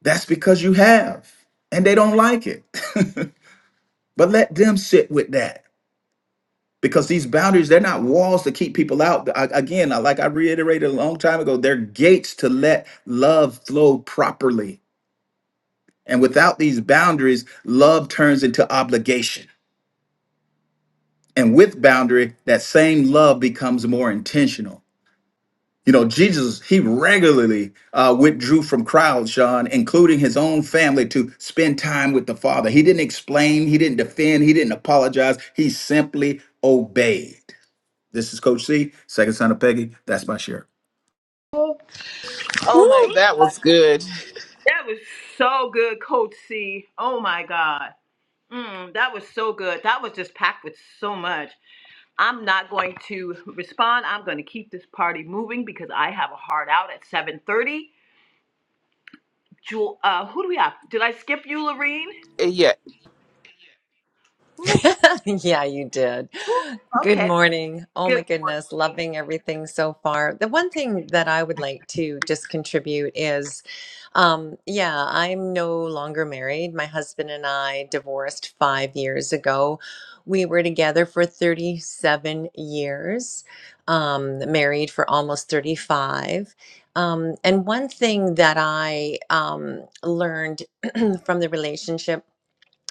Speaker 6: That's because you have, and they don't like it. but let them sit with that because these boundaries, they're not walls to keep people out. I, again, I- like I reiterated a long time ago, they're gates to let love flow properly. And without these boundaries, love turns into obligation. And with boundary, that same love becomes more intentional. You know, Jesus, he regularly uh, withdrew from crowds, Sean, including his own family, to spend time with the Father. He didn't explain, he didn't defend, he didn't apologize. He simply obeyed. This is Coach C, second son of Peggy. That's my share.
Speaker 1: Oh, oh my
Speaker 7: Woo, that
Speaker 1: God.
Speaker 7: was good.
Speaker 1: That was so good, Coach C. Oh my God. Mm, that was so good. That was just packed with so much. I'm not going to respond. I'm going to keep this party moving because I have a hard out at 7:30. Jewel, uh, who do we have? Did I skip you, Lorene?
Speaker 7: Yeah.
Speaker 1: Ooh,
Speaker 8: yeah, you did.
Speaker 1: woo.
Speaker 8: Good
Speaker 1: Okay.
Speaker 8: morning. Oh my
Speaker 1: Good
Speaker 8: goodness,
Speaker 1: morning.
Speaker 8: loving everything so far. The one thing that I would like to just contribute is um yeah, I'm no longer married. My husband and I divorced 5 years ago. We were together for 37 years. Um married for almost 35. Um and one thing that I um learned from the relationship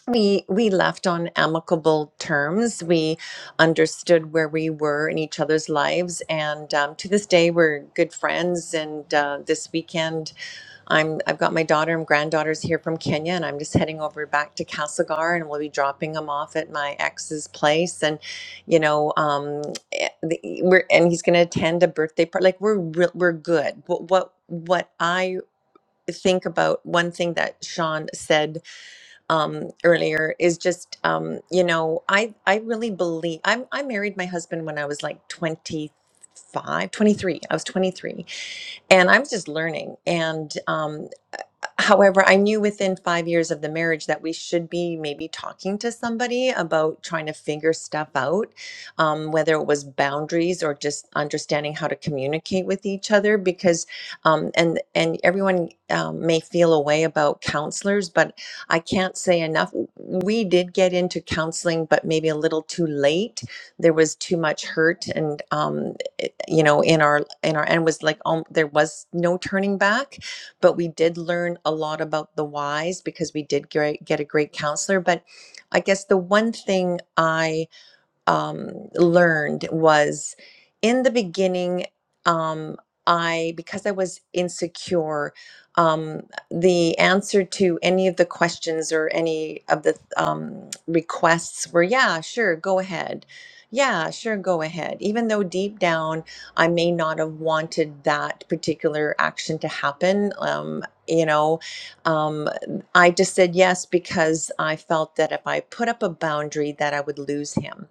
Speaker 8: we we left on amicable terms. We understood where we were in each other's lives, and um, to this day, we're good friends. And uh, this weekend, I'm I've got my daughter and granddaughters here from Kenya, and I'm just heading over back to Castlegar, and we'll be dropping them off at my ex's place. And you know, um, eh, the- we're and he's going to attend a birthday party. Like we're re- we're good. What what what I think about one thing that Sean said um, earlier is just um, you know I I really believe I'm I married my husband when I was like twenty five twenty three I was 23 and I was just learning and um, However, I knew within five years of the marriage that we should be maybe talking to somebody about trying to figure stuff out, um, whether it was boundaries or just understanding how to communicate with each other. Because, um, and and everyone um, may feel a way about counselors, but I can't say enough. We did get into counseling, but maybe a little too late. There was too much hurt, and um, it- you know, in our in our and was like, um, there was no turning back but we did learn a lot about the whys because we did great, get a great counselor. But I guess the one thing I um, learned was in the beginning um, i because i was insecure um, the answer to any of the questions or any of the um, requests were yeah sure go ahead yeah sure go ahead even though deep down i may not have wanted that particular action to happen um, you know um, i just said yes because i felt that if i put up a boundary that i would lose him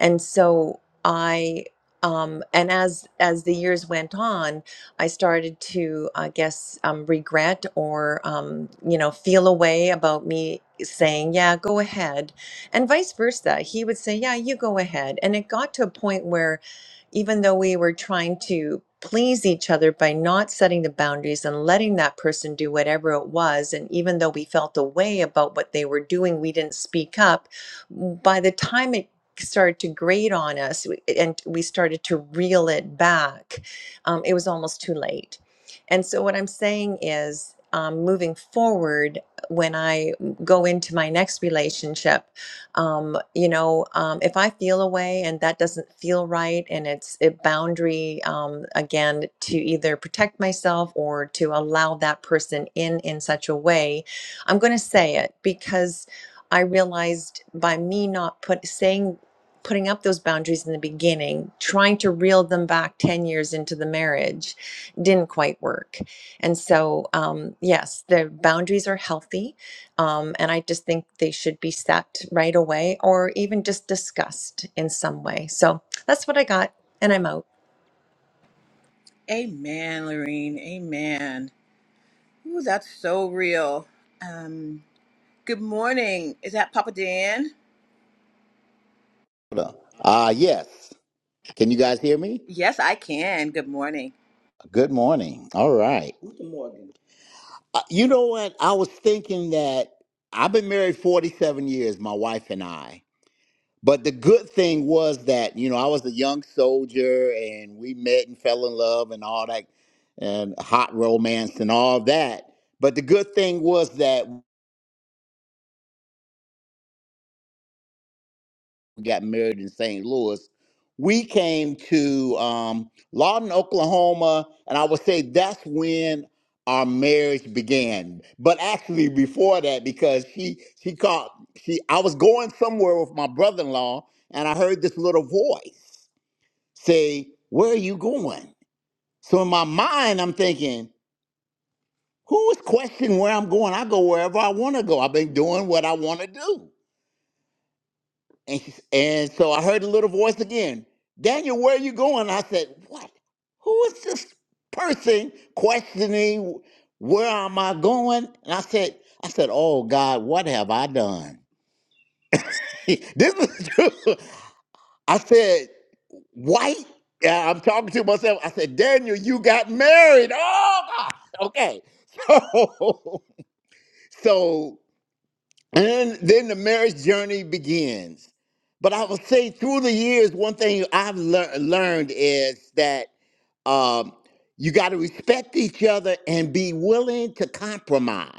Speaker 8: and so i um, and as as the years went on i started to i guess um, regret or um, you know feel a way about me saying yeah go ahead and vice versa he would say yeah you go ahead and it got to a point where even though we were trying to please each other by not setting the boundaries and letting that person do whatever it was and even though we felt a way about what they were doing we didn't speak up by the time it started to grate on us we- and we started to reel it back um, it was almost too late and so what i'm saying is um, moving forward when i go into my next relationship um, you know um, if i feel a way and that doesn't feel right and it's a boundary um, again to either protect myself or to allow that person in in such a way i'm going to say it because i realized by me not put saying putting up those boundaries in the beginning trying to reel them back 10 years into the marriage didn't quite work and so um, yes the boundaries are healthy um, and I just think they should be set right away or even just discussed in some way. So that's what I got, and I'm out.
Speaker 1: Amen, Lorene. Amen. Ooh, that's so real. Um, good morning. Is that Papa Dan?
Speaker 9: Ah yes. Can you guys hear me?
Speaker 1: Yes, I can. Good morning.
Speaker 9: Good morning. All right. Good morning. Uh, you know what? I was thinking that I've been married 47 years, my wife and I. But the good thing was that, you know, I was a young soldier and we met and fell in love and all that and hot romance and all that. But the good thing was that we got married in St. Louis. We came to um, Lawton, Oklahoma, and I would say that's when our marriage began. But actually, before that, because she she called she I was going somewhere with my brother-in-law, and I heard this little voice say, "Where are you going?" So in my mind, I'm thinking, "Who is questioning where I'm going? I go wherever I want to go. I've been doing what I want to do." And, she, and so I heard the little voice again. Daniel, where are you going? I said, What? Who is this person questioning where am I going? And I said, I said, Oh God, what have I done? this is true. I said, White? Yeah, I'm talking to myself. I said, Daniel, you got married. Oh God. Okay. So, so And then the marriage journey begins. But I would say through the years, one thing I've lear- learned is that um, you got to respect each other and be willing to compromise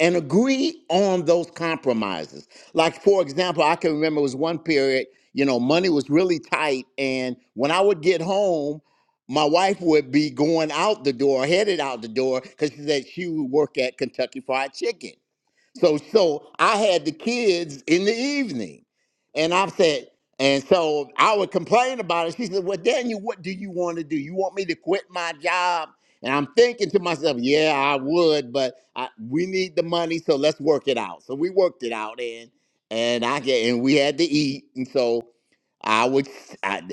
Speaker 9: and agree on those compromises. Like, for example, I can remember it was one period, you know, money was really tight. And when I would get home, my wife would be going out the door, headed out the door, because she said she would work at Kentucky Fried Chicken. So so I had the kids in the evening. And I said, and so I would complain about it. She said, Well, Daniel, what do you want to do? You want me to quit my job? And I'm thinking to myself, yeah, I would, but I, we need the money, so let's work it out. So we worked it out and and I get and we had to eat. And so I would, I,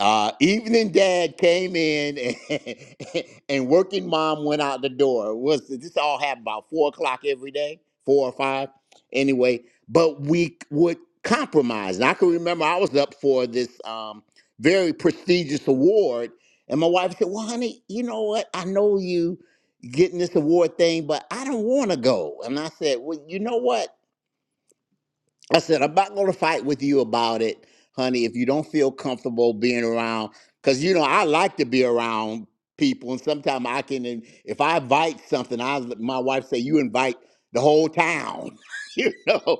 Speaker 9: uh, evening dad came in and, and working mom went out the door. It Was this all happened about four o'clock every day, four or five, anyway? But we would compromise, and I can remember I was up for this um, very prestigious award, and my wife said, "Well, honey, you know what? I know you getting this award thing, but I don't want to go." And I said, "Well, you know what? I said, I'm not going to fight with you about it, honey, if you don't feel comfortable being around. Because, you know, I like to be around people. And sometimes I can, and if I invite something, I my wife say, you invite the whole town. you know,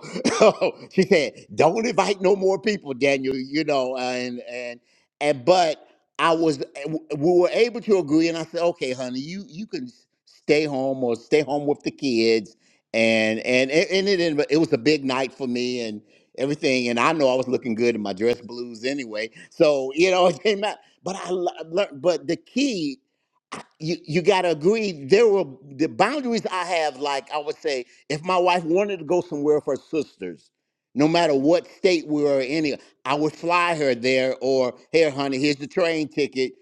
Speaker 9: she said, don't invite no more people, Daniel, you know, uh, and, and, and, but I was, we were able to agree. And I said, okay, honey, you, you can stay home or stay home with the kids and and it, and it ended, it was a big night for me and everything and I know I was looking good in my dress blues anyway so you know it came out but I learned but the key you you got to agree there were the boundaries I have like I would say if my wife wanted to go somewhere with her sisters no matter what state we were in I would fly her there or here honey here's the train ticket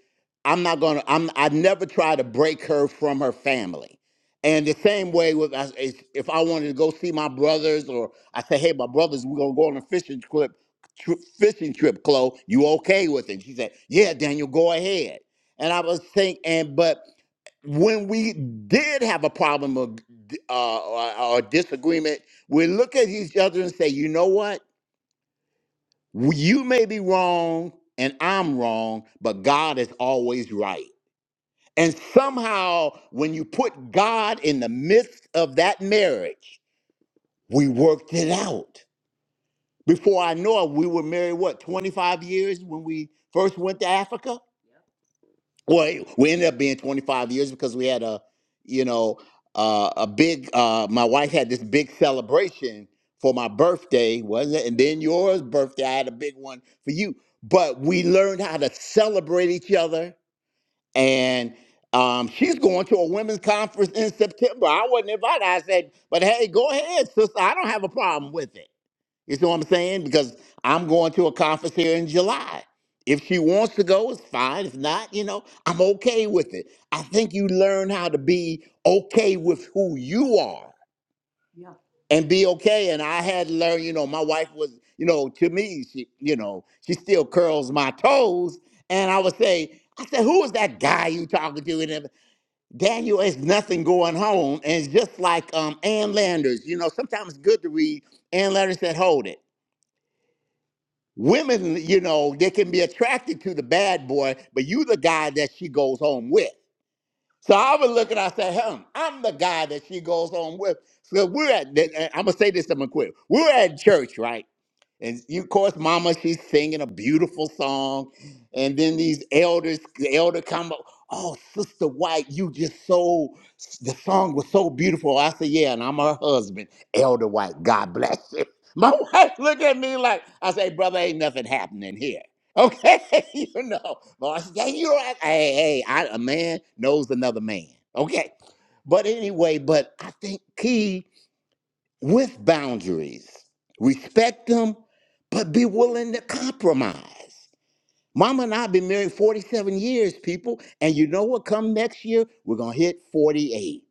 Speaker 9: I'm not going to I'm I never try to break her from her family and the same way with as- as if I wanted to go see my brothers, or I say, "Hey, my brothers, we're gonna go on a fishing trip, tri fishing trip, Chloe. You okay with it?" She said, "Yeah, Daniel, go ahead." And I was thinking, and but when we did have a problem of, d- uh, or, or disagreement, we look at each other and say, "You know what? You may be wrong, and I'm wrong, but God is always right." And somehow, when you put God in the midst of that marriage We worked it out. Before I know it, we were married, what, 25 years when we first went to Africa? Well, we ended up being 25 years because we had a, you know, uh, a big, uh, my wife had this big celebration for my birthday, wasn't it? And then yours birthday, I had a big one for you. But we learned how to celebrate each other. And um, she's going to a women's conference in September. I wasn't invited. I said, but hey, go ahead, sister. I don't have a problem with it you see what I'm saying? Because I'm going to a conference here in July. If she wants to go, it's fine. If not, you know, I'm okay with it. I think you learn how to be okay with who you are Yeah. and be okay. And I had to learn, you know, my wife was, you know, to me, she, you know, she still curls my toes. And I would say, I said, who is that guy you talking to? And everything? Daniel, it's nothing going home. And it's just like um, Ann Landers, you know, sometimes it's good to read. Ann Landers said, hold it. Women, you know, they can be attracted to the bad boy, but you the guy that she goes home with. So I was looking, I said, hmm, I'm the guy that she goes home with. So we're at, I'm going to say this, I'm going to quit. We're at church, right? And you, of course, Mama, she's singing a beautiful song. And then these elders, the elder come up, oh, Sister White, you just so, the song was so beautiful. I said, yeah, and I'm her husband, Elder White. God bless you. My wife looked at me like, I say, brother, ain't nothing happening here. Okay, you know. But I said, hey, you know, I- hey, hey, I, a man knows another man. Okay. But anyway, but I think Key with boundaries. Respect them, but be willing to compromise. Mama and I have been married 47 years, people. And you know what? Come next year, we're going to hit 48.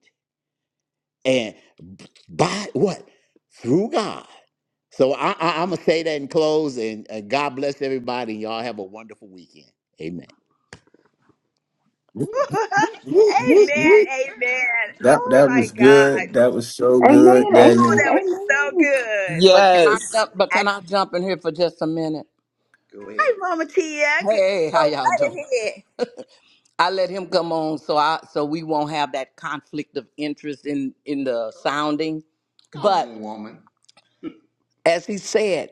Speaker 9: And b- by what? Through God. So I, I, I'm going to say that in close. And uh, God bless everybody. y'all have a wonderful weekend. Amen.
Speaker 1: amen.
Speaker 6: That
Speaker 1: Amen. Oh
Speaker 6: that
Speaker 1: my
Speaker 6: was
Speaker 1: God.
Speaker 6: good. That was so good,
Speaker 1: Oh,
Speaker 6: Daniel.
Speaker 1: that was so good.
Speaker 9: But can
Speaker 7: Yes,
Speaker 9: I jump? But
Speaker 1: I,
Speaker 9: can I jump in here for just a minute? Go
Speaker 1: hi,
Speaker 9: ahead.
Speaker 1: Mama Tia. Good-
Speaker 9: Hey,
Speaker 1: Go
Speaker 9: how y'all
Speaker 1: right
Speaker 9: doing?
Speaker 1: ahead.
Speaker 9: I let him come on so I so we won't have that conflict of interest in in the sounding. Come But Come on, woman. as he said,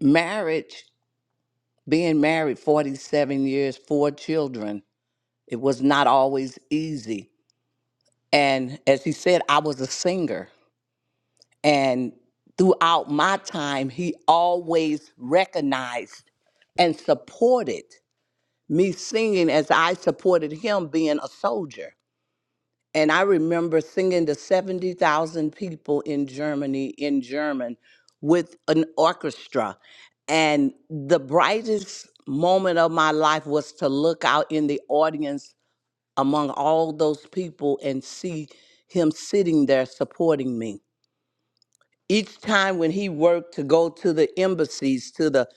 Speaker 9: marriage, being married 47 years, four children, it was not always easy. And as he said, I was a singer. And throughout my time, he always recognized and supported me singing as I supported him being a soldier. And I remember singing to 70,000 people in Germany in German with an orchestra. And the brightest moment of my life was to look out in the audience among all those people and see him sitting there supporting me. Each time when he worked to go to the embassies, to the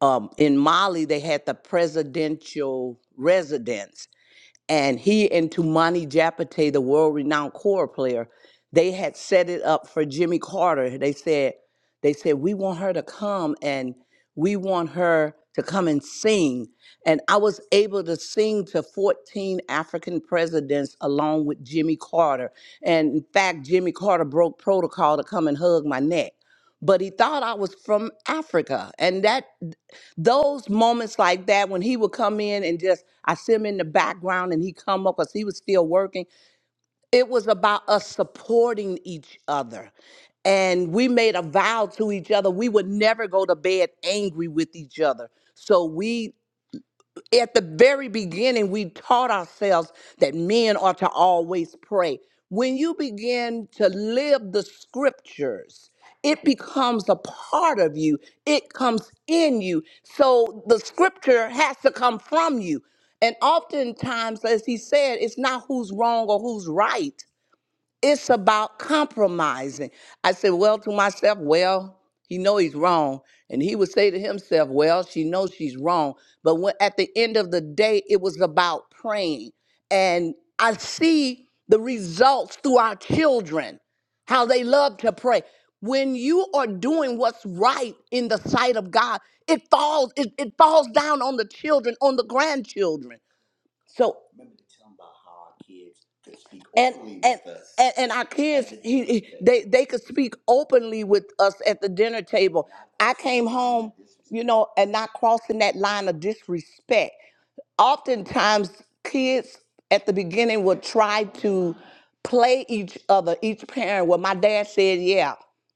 Speaker 9: um, in Mali, they had the presidential residence and he and Tumani Japate, the world-renowned choir player, they had set it up for Jimmy Carter. They said, they said we want her to come and we want her to come and sing. And I was able to sing to 14 African presidents along with Jimmy Carter. And in fact, Jimmy Carter broke protocol to come and hug my neck. But he thought I was from Africa. And that those moments like that when he would come in and just I see him in the background and he come up because he was still working. It was about us supporting each other. And we made a vow to each other we would never go to bed angry with each other. So we at the very beginning, we taught ourselves that men are to always pray. When you begin to live the scriptures, it becomes a part of you, it comes in you. So the scripture has to come from you. And oftentimes, as he said, it's not who's wrong or who's right it's about compromising. I said, well, to myself, well, he know he's wrong. And he would say to himself, well, she knows she's wrong. But when, at the end of the day, it was about praying. And I see the results through our children, how they love to pray. When you are doing what's right in the sight of God, it falls, it, it falls down on the children, on the grandchildren. So Remember to tell them about how our kids could speak and openly and with us and, and our kids and he, he- they they could speak openly with us at the dinner table not i crossing came the line of home of you disrespect. know and not crossing that line of disrespect oftentimes kids at the beginning will try to play each other, each parent. Well, my dad said, yeah.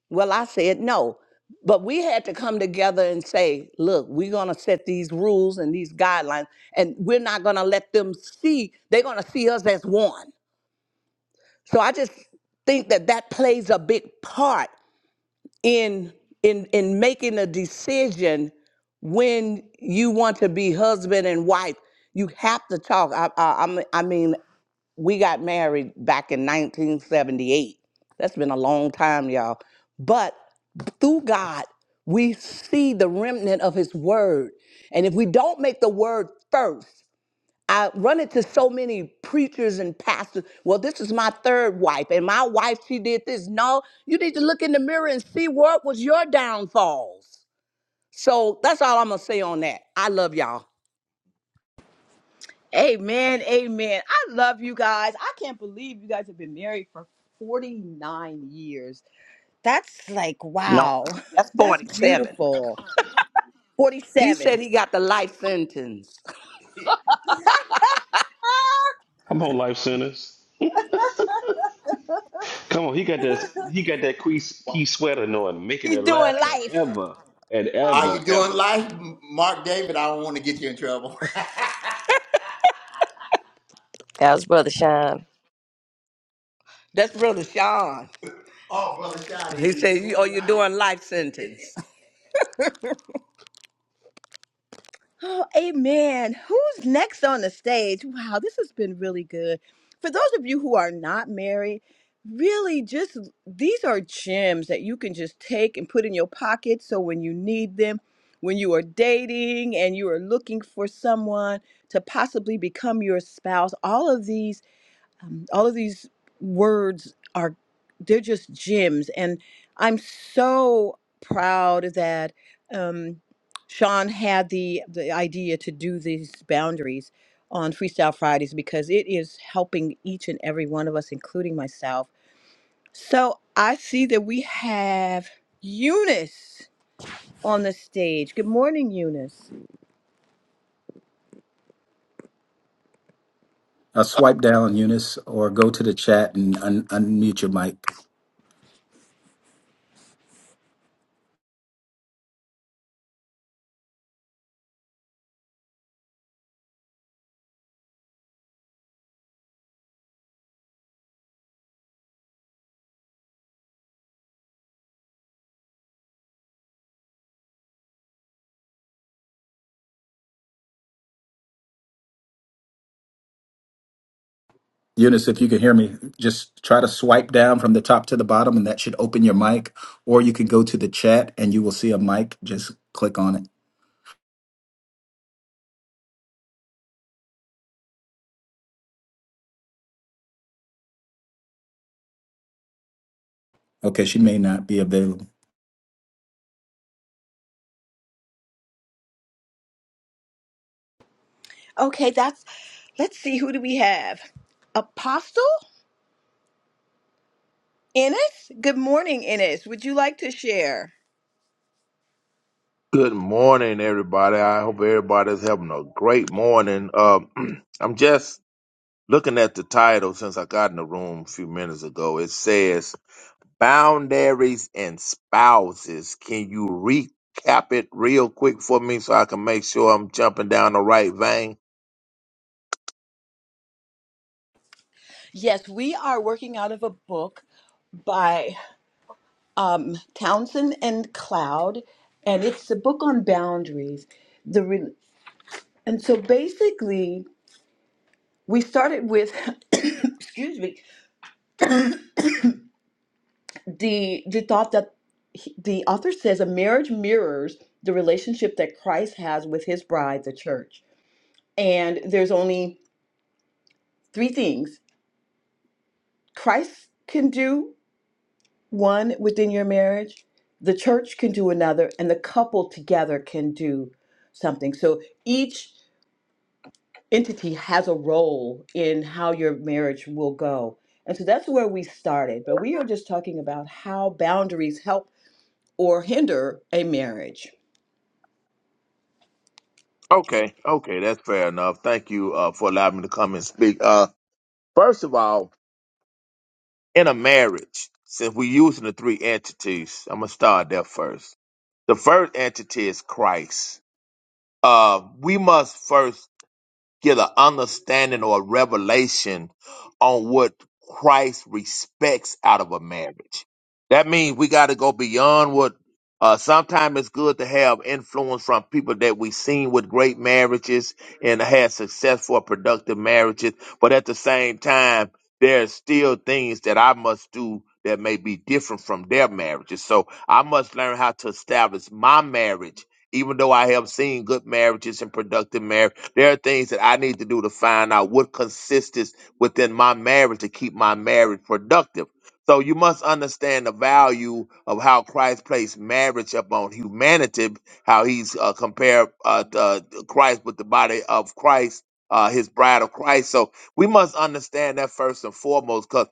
Speaker 9: Well, I said, no. But we had to come together and say, look, we're going to set these rules and these guidelines, and we're not going to let them see, they're going to see us as one. So I just think that that plays a big part in in in making a decision when you want to be husband and wife you have to talk i i, I mean I mean, we got married back in 1978 that's been a long time y'all but through god we see the remnant of his word and if we don't make the word first I run into so many preachers and pastors. Well, this is my third wife, and my wife, she did this. No, you need to look in the mirror and see what was your downfalls. So that's all I'm going to say on that. I love y'all.
Speaker 1: Amen. Amen. I love you guys. I can't believe you guys have been married for 49 years. That's like,
Speaker 9: No,
Speaker 1: wow.
Speaker 9: that's
Speaker 1: That's
Speaker 9: 47.
Speaker 1: beautiful.
Speaker 9: He said
Speaker 1: 47.
Speaker 9: he got the life sentence.
Speaker 3: Come on, life centers. Come on, he got that. He got that key, key sweater on, making
Speaker 1: He's
Speaker 3: it laugh
Speaker 1: doing life.
Speaker 3: forever and
Speaker 9: Are
Speaker 1: Oh,
Speaker 3: ever,
Speaker 9: you doing
Speaker 3: ever.
Speaker 9: life, Mark David? I don't want to get you in trouble.
Speaker 10: That was Brother Sean.
Speaker 9: That's Brother Sean. oh, brother Sean, He you said, you, oh, doing you're life? doing life sentence.
Speaker 1: oh, amen. Who's next on the stage? Wow, this has been really good. For those of you who are not married, really just these are gems that you can just take and put in your pocket so when you need them, when you are dating and you are looking for someone to possibly become your spouse, all of these um, all of these words are they're just gems and i'm so proud that um, sean had the the idea to do these boundaries on freestyle fridays because it is helping each and every one of us including myself so i see that we have eunice on the stage good morning eunice
Speaker 6: Uh, swipe down, Eunice, or go to the chat and un- unmute your mic. Eunice, if you can hear me, just try to swipe down from the top to the bottom, and that should open your mic. Or you can go to the chat and you will see a mic. Just click on it. Okay, she may not be available.
Speaker 1: okay that's let's see who do we have apostle Ines, good morning, Ines. Would you like to share?
Speaker 11: Good morning, everybody. I hope everybody's having a great morning. Uh, I'm just looking at the title since I got in the room a few minutes ago. It says, Boundaries and Spouses. Can you recap it real quick for me so I can make sure I'm jumping down the right vein?
Speaker 1: Yes, we are working out of a book by um, Townsend and Cloud, and it's a book on boundaries. The re- and so basically, we started with, excuse me, the the thought that he- the author says a marriage mirrors the relationship that Christ has with His bride, the church. And there's only three things Christ can do one within your marriage, the church can do another, and the couple together can do something. So each entity has a role in how your marriage will go. And so that's where we started. But we are just talking about how boundaries help or hinder a marriage.
Speaker 11: Okay, okay, that's fair enough. Thank you uh, for allowing me to come and speak. Uh, first of all, in a marriage, since we're using the three entities, I'm going to start there first The first entity is Christ. Uh, we must first get an understanding or a revelation on what Christ respects out of a marriage. That means we got to go beyond what. Uh, sometimes it's good to have influence from people that we've seen with great marriages and had successful, productive marriages. But at the same time, there's still things that I must do that may be different from their marriages. So I must learn how to establish my marriage, even though I have seen good marriages and productive marriages there are things that I need to do to find out what consists within my marriage to keep my marriage productive. So you must understand the value of how Christ placed marriage upon humanity, how he's uh, compared uh, uh, Christ with the body of Christ, uh, his bride of Christ. So we must understand that first and foremost, because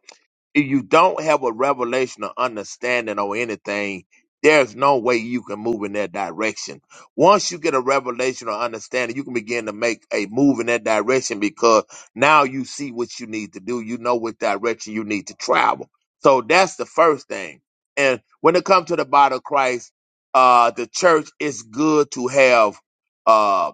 Speaker 11: if you don't have a revelation or understanding or anything, there's no way you can move in that direction. Once you get a revelation or understanding, you can begin to make a move in that direction because now you see what you need to do. You know what direction you need to travel. So that's the first thing. And when it comes to the body of Christ, uh, the church, it's good to have uh,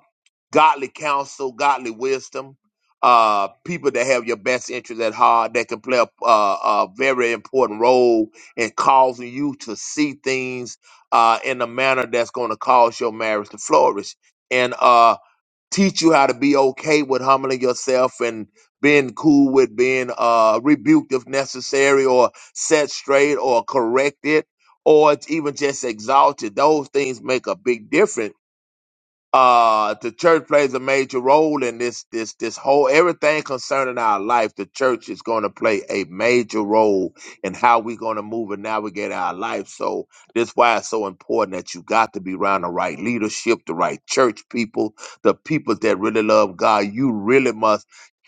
Speaker 11: godly counsel, godly wisdom, uh, people that have your best interest at heart that can play a, a, a very important role in causing you to see things uh, in a manner that's going to cause your marriage to flourish and uh, teach you how to be okay with humbling yourself and being cool with being uh, rebuked if necessary or set straight or corrected or it's even just exalted. Those things make a big difference uh the church plays a major role in this this this whole everything concerning our life the church is going to play a major role in how we're going to move and navigate our life so this why it's so important that you got to be around the right leadership the right church people the people that really love god you really must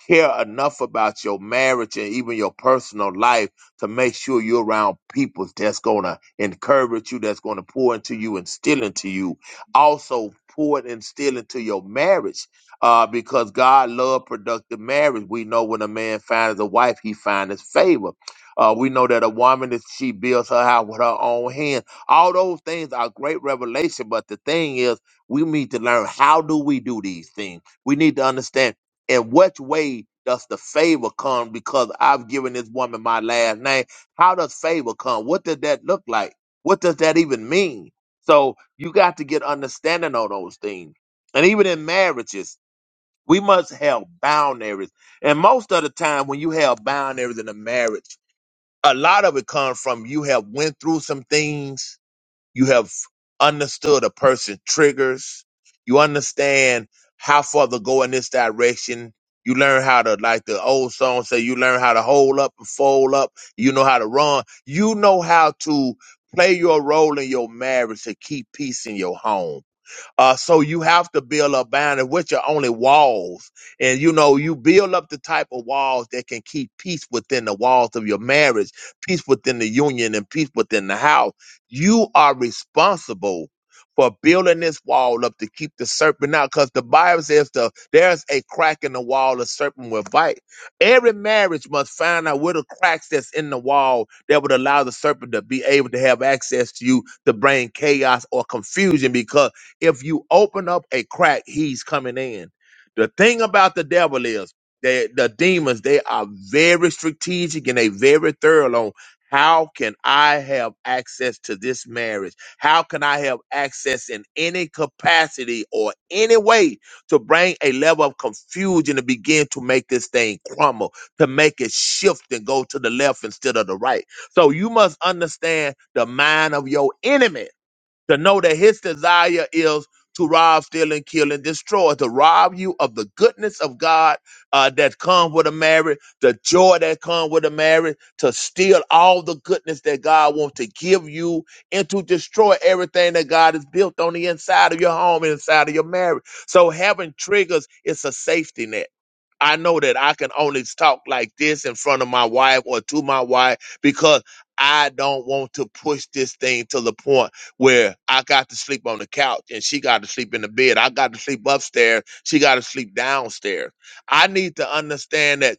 Speaker 11: care enough about your marriage and even your personal life to make sure you're around people that's going to encourage you that's going to pour into you and instill into you also pour it and still into your marriage uh, because God love productive marriage. We know when a man finds a wife, he finds favor. Uh, we know that a woman is she builds her house with her own hand. All those things are great revelation, but the thing is, we need to learn how do we do these things. We need to understand in which way does the favor come because I've given this woman my last name. How does favor come? What does that look like? What does that even mean? So you got to get understanding on those things. And even in marriages, we must have boundaries. And most of the time when you have boundaries in a marriage, a lot of it comes from you have went through some things you have understood a person's triggers. You understand how far to go in this direction. You learn how to, like the old song say, you learn how to hold up and fold up. You know how to run. You know how to play your role in your marriage to keep peace in your home uh, so you have to build up boundaries, which are only walls. And you know, you build up the type of walls that can keep peace within the walls of your marriage, peace within the union, and peace within the house. You are responsible for building this wall up to keep the serpent out. Because the Bible says the, there's a crack in the wall, the serpent will bite. Every marriage must find out where the cracks that's in the wall that would allow the serpent to be able to have access to you to bring chaos or confusion. because if you open up a crack, he's coming in. The thing about the devil is that the demons, they are very strategic and they very thorough on how can I have access to this marriage? How can I have access in any capacity or any way to bring a level of confusion to begin to make this thing crumble, to make it shift and go to the left instead of the right? So you must understand the mind of your enemy to know that his desire is to rob, steal, and kill and destroy, to rob you of the goodness of God uh, that comes with a marriage, the joy that comes with a marriage, to steal all the goodness that God wants to give you, and to destroy everything that God has built on the inside of your home, and inside of your marriage. So having triggers is a safety net. I know that I can only talk like this in front of my wife or to my wife because I don't want to push this thing to the point where I got to sleep on the couch and she got to sleep in the bed. I got to sleep upstairs. She got to sleep downstairs. I need to understand that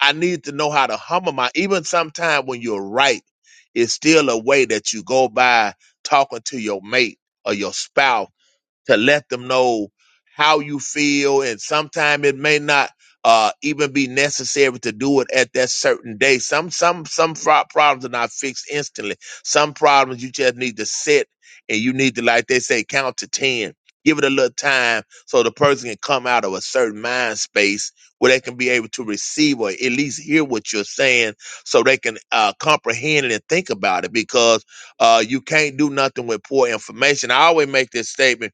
Speaker 11: I need to know how to humble my, even sometimes when you're right, it's still a way that you go by talking to your mate or your spouse to let them know how you feel and sometimes it may not uh, even be necessary to do it at that certain day some some some fro- problems are not fixed instantly some problems you just need to sit and you need to like they say count to 10 give it a little time so the person can come out of a certain mind space where they can be able to receive or at least hear what you're saying so they can uh, comprehend it and think about it because uh, you can't do nothing with poor information i always make this statement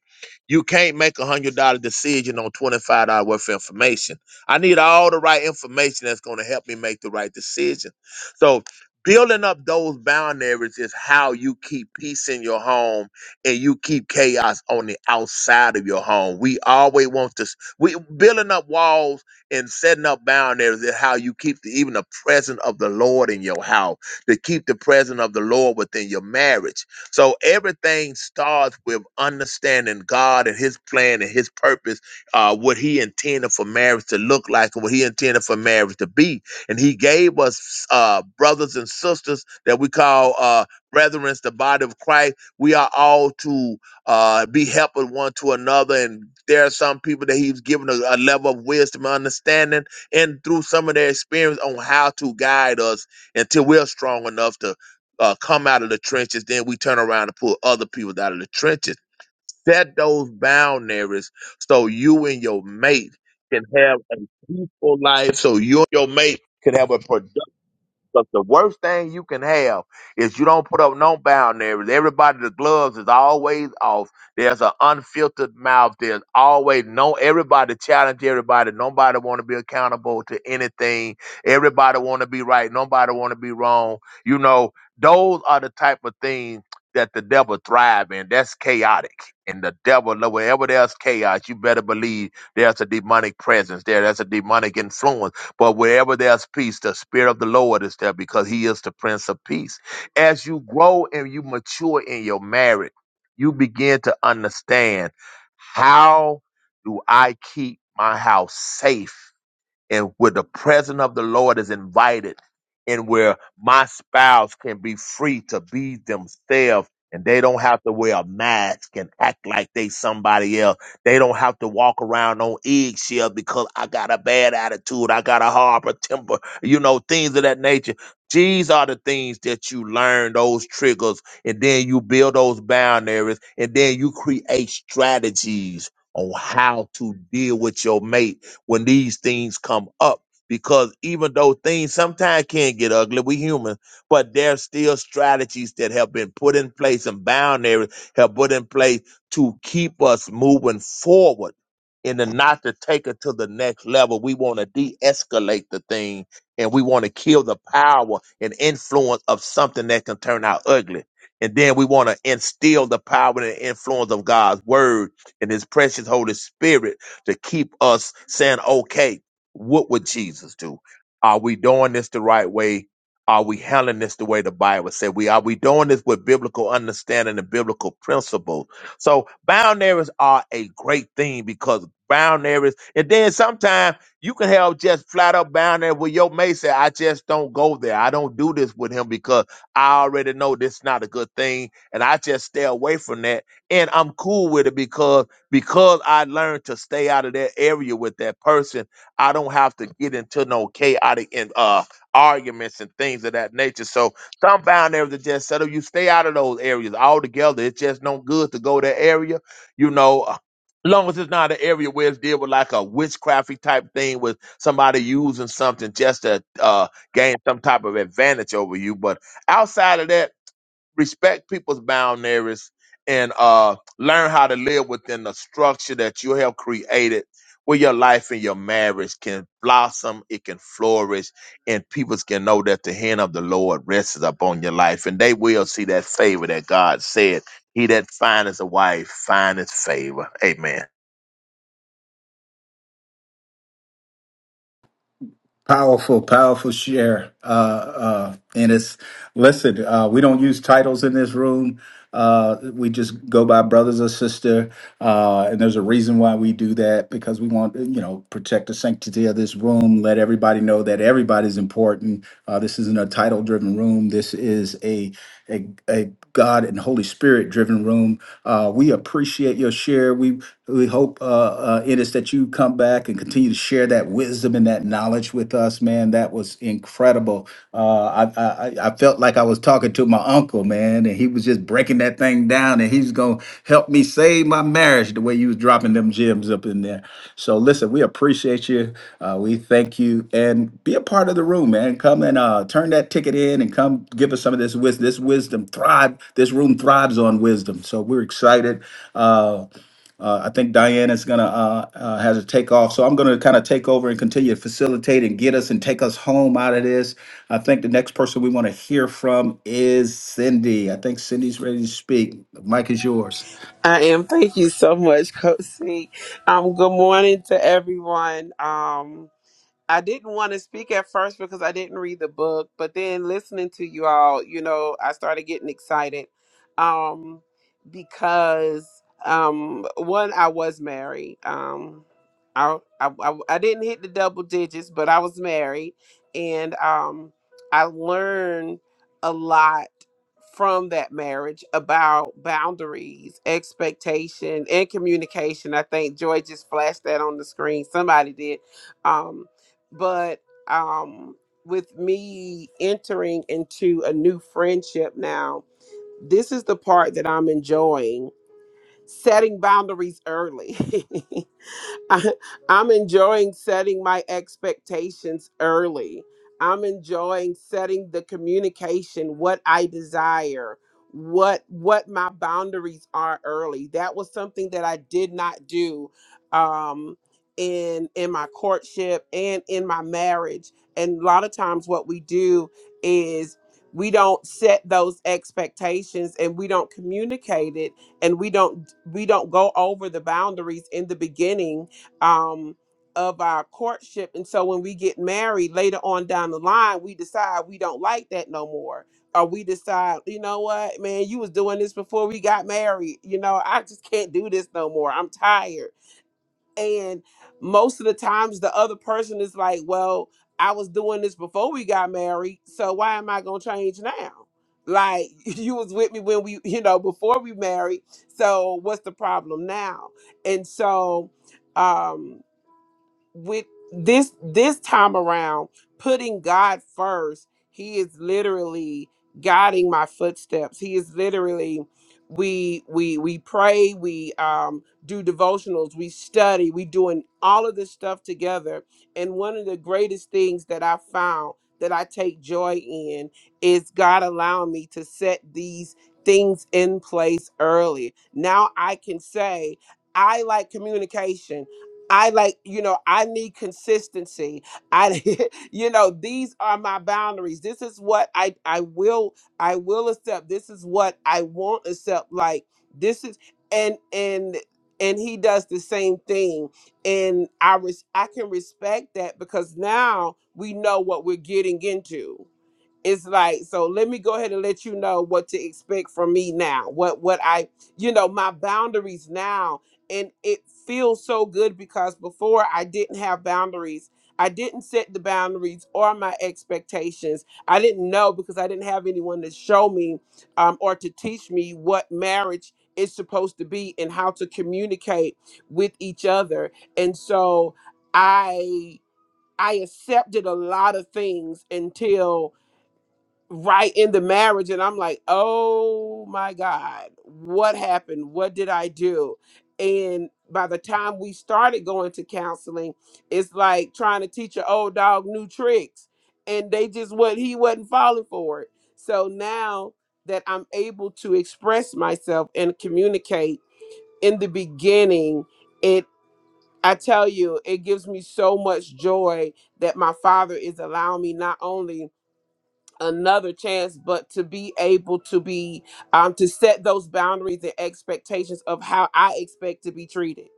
Speaker 11: you can't make a hundred dollar decision on twenty five dollar worth of information. I need all the right information that's going to help me make the right decision. So building up those boundaries is how you keep peace in your home and you keep chaos on the outside of your home. We always want to s- we building up walls and setting up boundaries is how you keep the, even the presence of the Lord in your house, to keep the presence of the Lord within your marriage so everything starts with understanding God and His plan and His purpose, uh, what He intended for marriage to look like and what He intended for marriage to be. And He gave us uh, brothers and sisters that we call uh, brethren, the body of Christ. We are all to uh, be helping one to another. And there are some people that He's given a, a level of wisdom and understanding and through some of their experience on how to guide us until we're strong enough to uh, come out of the trenches, then we turn around and pull other people out of the trenches. Set those boundaries so you and your mate can have a peaceful life, so you and your mate can have a productive because the worst thing you can have is you don't put up no boundaries. Everybody, the gloves is always off. There's an unfiltered mouth. There's always no everybody challenge everybody. Nobody want to be accountable to anything. Everybody want to be right. Nobody want to be wrong. You know, those are the type of things that the devil thrive in. That's chaotic. And the devil, wherever there's chaos, you better believe there's a demonic presence there. There's a demonic influence but wherever there's peace, the Spirit of the Lord is there because He is the Prince of Peace. As you grow and you mature in your marriage, you begin to understand how do I keep my house safe? and where the presence of the Lord is invited, and where my spouse can be free to be themselves, and they don't have to wear a mask and act like they somebody else. They don't have to walk around on eggshell because I got a bad attitude, I got a harbor temper, you know, things of that nature. These are the things that you learn, those triggers, and then you build those boundaries, and then you create strategies on how to deal with your mate when these things come up. Because even though things sometimes can get ugly, we human, but there's still strategies that have been put in place and boundaries have put in place to keep us moving forward and to not to take it to the next level. We want to de-escalate the thing and we want to kill the power and influence of something that can turn out ugly. And then we want to instill the power and influence of God's word and his precious Holy Spirit to keep us saying, okay, what would Jesus do? Are we doing this the right way? Are we handling this the way the Bible said we are? We doing this with biblical understanding and biblical principle. So boundaries are a great thing because boundaries, and then sometimes you can have just flat up boundaries where your mate say, "I just don't go there. I don't do this with him because I already know this is not a good thing, and I just stay away from that, and I'm cool with it because." Because I learned to stay out of that area with that person, I don't have to get into no chaotic and uh arguments and things of that nature. So some bound areas are just settle. You stay out of those areas altogether. It's just no good to go that area, you know. uh, Long as it's not an area where it's deal with like a witchcrafty type thing with somebody using something just to uh, gain some type of advantage over you. But outside of that respect people's boundaries and uh, learn how to live within the structure that you have created where your life and your marriage can blossom it can flourish and people can know that the hand of the lord rests upon your life and they will see that favor that god said he that findeth a wife findeth favor amen
Speaker 6: Powerful, powerful share. Uh, uh, and it's, listen, uh, we don't use titles in this room. Uh, we just go by brothers or sister. Uh, and there's a reason why we do that because we want, you know, protect the sanctity of this room, let everybody know that everybody's important. Uh, this isn't a title driven room. This is a, a, a God and Holy Spirit driven room. Uh, we appreciate your share. We, we hope, uh, uh, Ennis, that you come come back and continue to share that wisdom and that knowledge with us, man. That was incredible. Uh, I, I I I felt like I was talking to my uncle, man, and he was just breaking that thing down, and he's gonna help me save my marriage the way you was dropping them gems up in there. So listen, we appreciate you. Uh, we thank you, and be a part of the room, man. Come and uh, turn that ticket in, and come give us some of this wisdom. This wisdom thrive. This room thrives on wisdom. So we're excited. Uh, uh, I think Diane is gonna uh, uh, has a takeoff, so I'm gonna kind of take over and continue to facilitate and get us and take us home out of this. I think the next person we want to hear from is Cindy. I think Cindy's ready to speak. The mic is yours.
Speaker 7: I am. Thank you so much, Coach C. Um, good morning to everyone. Um, I didn't want to speak at first because I didn't read the book, but then listening to you all, you know, I started getting excited um, because um, one, I was married. Um, I, I I I didn't hit the double digits, but I was married, and um, I learned a lot from that marriage about boundaries, expectation, and communication. I think Joy just flashed that on the screen. Somebody did. um, but um with me entering into a new friendship now this is the part that i'm enjoying setting boundaries early I, am enjoying setting my expectations early. I'm enjoying setting the communication, what I desire, what what my boundaries are early. That was something that I did not do um, in in my courtship and in my marriage. And a lot of times, what we do is we don't set those expectations and we don't communicate it and we don't we don't go over the boundaries in the beginning um, of our courtship. And so when we get married later on down the line, we decide we don't like that no more. Or we decide, you know what, man, you was doing this before we got married. You know, I just can't do this no more. I'm tired. And most of the times the other person is like, well, I was doing this before we got married. So why am I going to change now? Like you was with me when we, you know, before we married. So what's the problem now? And so, um, with this this time around putting god first he is literally guiding my footsteps he is literally we we we pray we um do devotionals we study we doing all of this stuff together and one of the greatest things that i found that i take joy in is god allowing me to set these things in place early now i can say i like communication I like, you know, I need consistency. I, you know, these are my boundaries. This is what I I will I will accept. This is what I won't accept. Like this is and and and he does the same thing. And I res- I can respect that because now we know what we're getting into it's like so let me go ahead and let you know what to expect from me now what what i you know my boundaries now and it feels so good because before i didn't have boundaries i didn't set the boundaries or my expectations i didn't know because i didn't have anyone to show me um, or to teach me what marriage is supposed to be and how to communicate with each other and so i i accepted a lot of things until right in the marriage and i'm like oh my god what happened what did i do and by the time we started going to counseling it's like trying to teach an old dog new tricks and they just what he wasn't falling for it so now that i'm able to express myself and communicate in the beginning it i tell you it gives me so much joy that my father is allowing me not only another chance but to be able to be um to set those boundaries and expectations of how i expect to be treated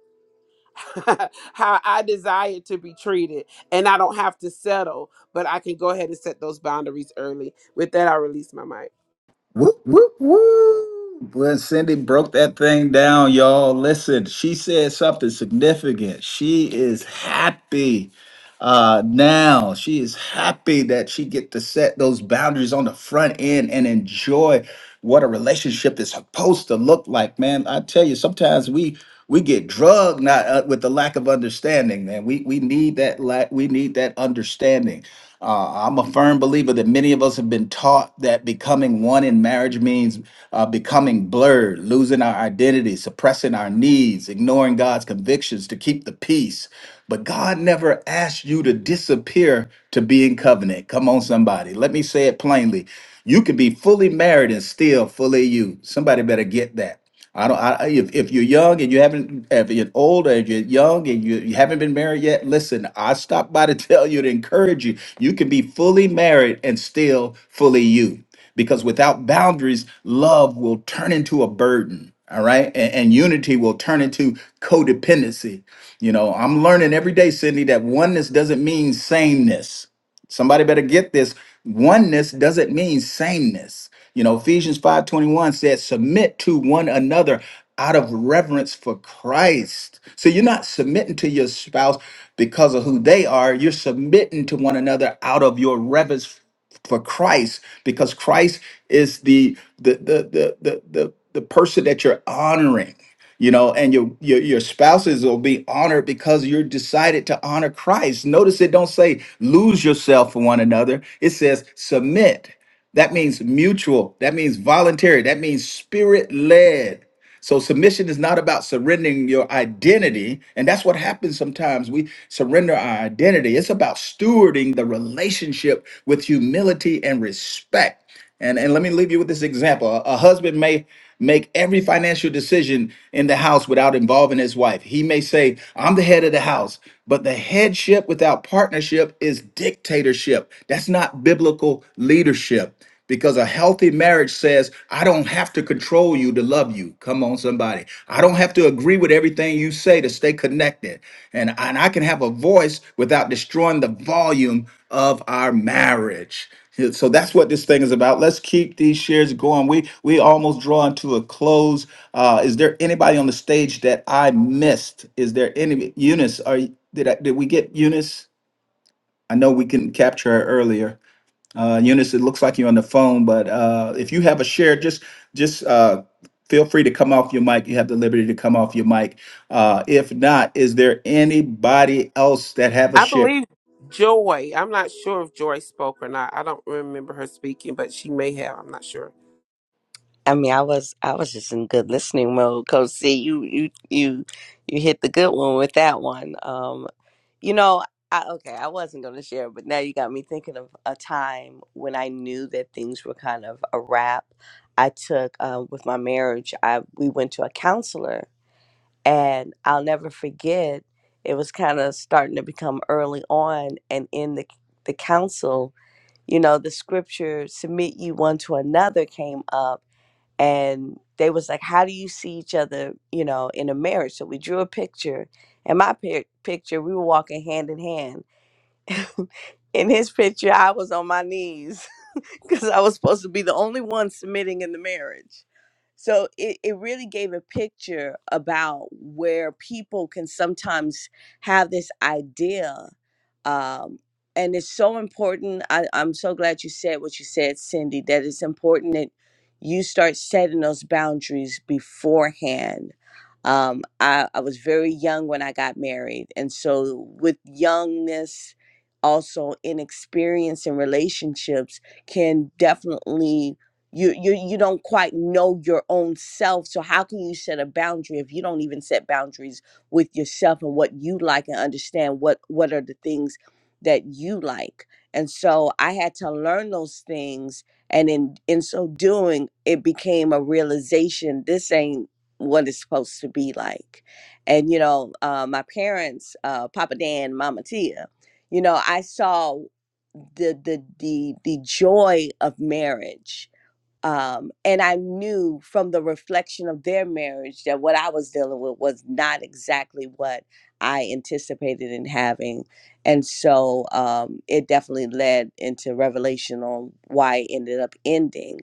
Speaker 7: how i desire to be treated and i don't have to settle but i can go ahead and set those boundaries early with that i release my mic
Speaker 6: Whoop whoop whoop! When Cindy broke that thing down, y'all listen. She said something significant. She is happy. uh, now she is happy that she get to set those boundaries on the front end and enjoy what a relationship is supposed to look like man i tell you sometimes we we get drugged not uh, with the lack of understanding man we we need that lack we need that understanding uh, i'm a firm believer that many of us have been taught that becoming one in marriage means uh, becoming blurred losing our identity suppressing our needs ignoring god's convictions to keep the peace but God never asked you to disappear to be in covenant. Come on, somebody. Let me say it plainly. You can be fully married and still fully you. Somebody better get that. I don't. I, if if you're young and you haven't, if you're old and you're young and you, you haven't been married yet, listen. I stopped by to tell you to encourage you. You can be fully married and still fully you, because without boundaries, love will turn into a burden. All right, and, and unity will turn into codependency. You know, I'm learning every day, Sydney, that oneness doesn't mean sameness. Somebody better get this. Oneness doesn't mean sameness. You know, Ephesians 5:21 says, submit to one another out of reverence for Christ. So you're not submitting to your spouse because of who they are. You're submitting to one another out of your reverence for Christ because Christ is the the the the the the, the person that you're honoring. You know, and your, your your spouses will be honored because you're decided to honor Christ. Notice it don't say lose yourself for one another. It says submit. That means mutual. That means voluntary. That means spirit led. So submission is not about surrendering your identity, and that's what happens sometimes. We surrender our identity. It's about stewarding the relationship with humility and respect. And and let me leave you with this example. A, a husband may make every financial decision in the house without involving his wife. He may say, "I'm the head of the house," but the headship without partnership is dictatorship. That's not biblical leadership because a healthy marriage says, I don't have to control you to love you. Come on, somebody. I don't have to agree with everything you say to stay connected. And, and I can have a voice without destroying the volume of our marriage. So that's what this thing is about. Let's keep these shares going. We we almost drawing to a close. Uh, is there anybody on the stage that I missed? Is there any Eunice? Are you- did I, did we get Eunice? I know we couldn't capture her earlier. Uh, Eunice, it looks like you're on the phone, but uh, if you have a share, just just uh, feel free to come off your mic. You have the liberty to come off your mic. Uh, if not, is there anybody else that have a
Speaker 7: i
Speaker 6: share?
Speaker 7: believe joy i'm not sure if joy spoke or not i don't remember her speaking but she may have i'm not sure
Speaker 10: I mean, I was I was just in good listening mode. Cause see, you you you you hit the good one with that one. Um, you know, I okay, I wasn't gonna share, but now you got me thinking of a time when I knew that things were kind of a wrap. I took um, with my marriage. I we went to a counselor, and I'll never forget. It was kind of starting to become early on, and in the the counsel, you know, the scripture "submit you one to another" came up and they was like how do you see each other you know in a marriage so we drew a picture and my pic- picture we were walking hand in hand in his picture, I was on my knees because I was supposed to be the only one submitting in the marriage. So it, it really gave a picture about where people can sometimes have this idea. Um, and it's so important. I, I'm so glad you said what you said, Cindy, that it's important that you start setting those boundaries beforehand. Um, I, I was very young when I got married. And so with youngness, also in experience and relationships can definitely you you you don't quite know your own self so how can you set a boundary if you don't even set boundaries with yourself and what you like and understand what what are the things that you like and so i had to learn those things and in in so doing it became a realization this ain't what it's supposed to be like and you know uh, my parents uh, papa dan mama tia you know, I saw the the the the joy of marriage um, and I knew from the reflection of their marriage that what I was dealing with was not exactly what I anticipated in having, and so um, it definitely led into revelation on why it ended up ending.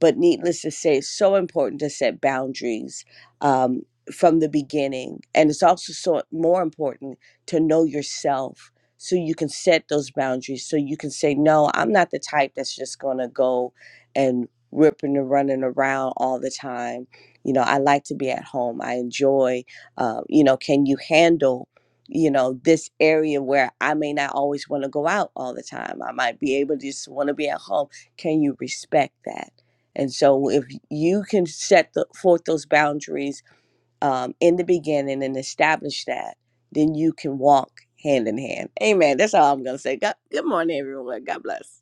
Speaker 10: But needless to say, it's so important to set boundaries um, from the beginning, and it's also so more important to know yourself. So you can set those boundaries. So you can say, no, I'm not the type that's just gonna go and ripping and running around all the time. You know, I like to be at home. I enjoy, uh, you know, can you handle, you know, this area where I may not always want to go out all the time? I might be able to just want to be at home. Can you respect that? And so, if you can set the, forth those boundaries um, in the beginning and establish that, then you can walk hand in hand. Amen. That's all I'm going to say. God, good morning, everyone. God bless.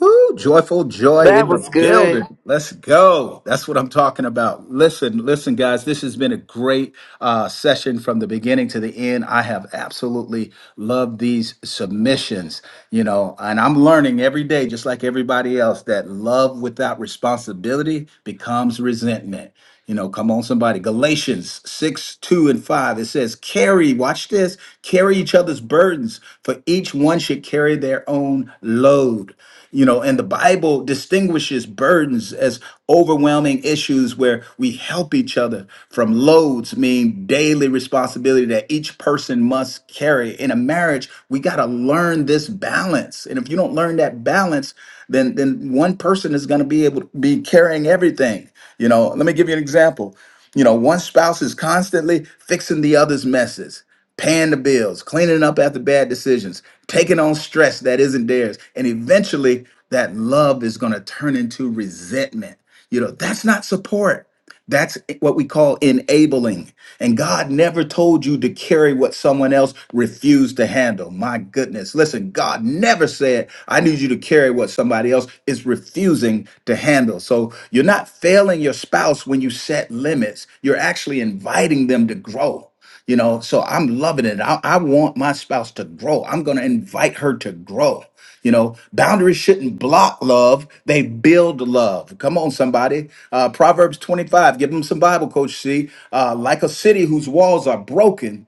Speaker 6: Whoo, joyful joy
Speaker 7: That
Speaker 6: in the
Speaker 7: was good.
Speaker 6: building. Let's go. That's what I'm talking about. Listen, listen, guys, this has been a great uh, session from the beginning to the end. I have absolutely loved these submissions, you know, and I'm learning every day, just like everybody else, that love without responsibility becomes resentment. You know, come on, somebody. Galatians 6, 2 and 5. It says, carry, watch this, carry each other's burdens, for each one should carry their own load you know and the bible distinguishes burdens as overwhelming issues where we help each other from loads mean daily responsibility that each person must carry in a marriage we got to learn this balance and if you don't learn that balance then then one person is going to be able to be carrying everything you know let me give you an example you know one spouse is constantly fixing the other's messes paying the bills, cleaning up after bad decisions, taking on stress that isn't theirs. And eventually, that love is going to turn into resentment. You know, that's not support. That's what we call enabling. And God never told you to carry what someone else refused to handle. My goodness. Listen, God never said, I need you to carry what somebody else is refusing to handle. So you're not failing your spouse when you set limits, you're actually inviting them to grow you know so i'm loving it i, I want my spouse to grow i'm going to invite her to grow you know boundaries shouldn't block love they build love come on somebody uh, proverbs 25 give them some bible coach see uh, like a city whose walls are broken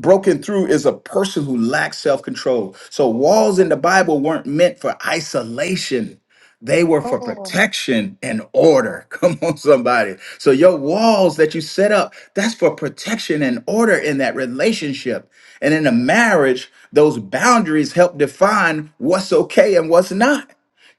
Speaker 6: broken through is a person who lacks self-control. So walls in the Bible weren't meant for isolation. They were for
Speaker 12: Oh.
Speaker 6: protection and order. Come on, somebody. So your walls that you set up, that's for protection and order in that relationship. And in a marriage, those boundaries help define what's okay and what's not.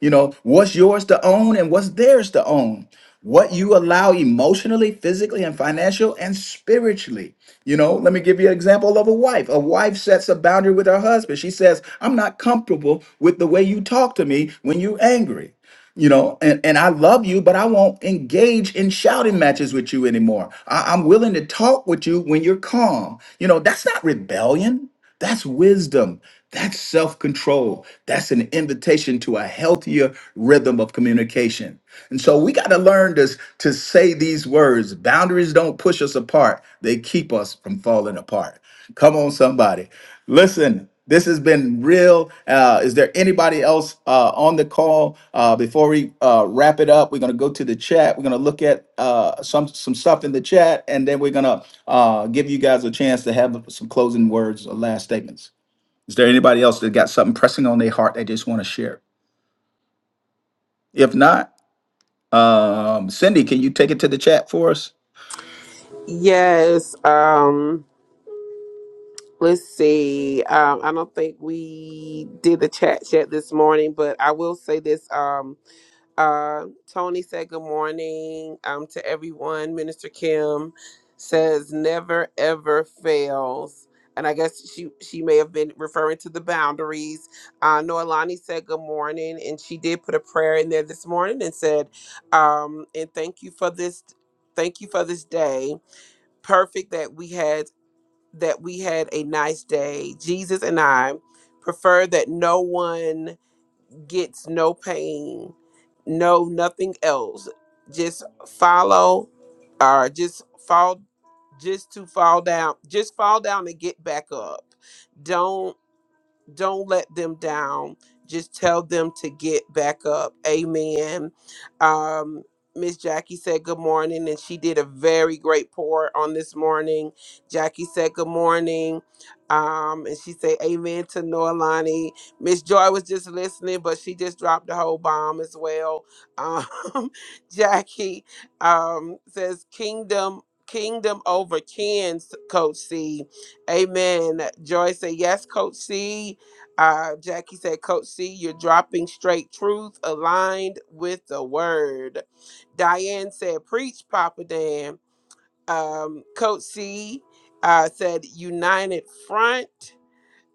Speaker 6: You know, what's yours to own and what's theirs to own. What you allow emotionally, physically, and financial and spiritually. You know, let me give you an example of a wife. A wife sets a boundary with her husband. She says, I'm not comfortable with the way you talk to me when you're angry you know and, and i love you but i won't engage in shouting matches with you anymore I, i'm willing to talk with you when you're calm you know that's not rebellion that's wisdom that's self-control that's an invitation to a healthier rhythm of communication and so we got to learn to, to say these words boundaries don't push us apart they keep us from falling apart Come on, somebody. Listen, this has been real. Uh, is there anybody else uh, on the call? Uh, before we uh, wrap it up, we're going to go to the chat. We're going to look at uh, some some stuff in the chat, and then we're going to uh, give you guys a chance to have some closing words or last statements. Is there anybody else that got something pressing on their heart they just want to share? If not, um, Cindy, can you take it to the chat for us?
Speaker 7: yes um Let's see. Um, I don't think we did the chat yet this morning, but I will say this. Um, uh, Tony said good morning um, to everyone. Minister Kim says never ever fails, and I guess she she may have been referring to the boundaries. Uh, Noelani said good morning, and she did put a prayer in there this morning and said, um, and thank you for this. Thank you for this day perfect that we had that we had a nice day. Jesus and I prefer that no one gets no pain, no nothing else. Just follow or just fall just to fall down, just fall down and get back up. Don't don't let them down. Just tell them to get back up. Amen. Um, Miss Jackie said good morning, and she did a very great pour on this morning. Jackie said good morning, um, and she said amen to Noelani. Miss Joy was just listening, but she just dropped the whole bomb as well. Um, Jackie um, says kingdom kingdom over kins, Coach C. Amen. Joy said yes, Coach C. Uh, Jackie said, Coach C, you're dropping straight truth aligned with the word. Diane said, Preach, Papa Dan. Um, Coach C uh, said, United Front.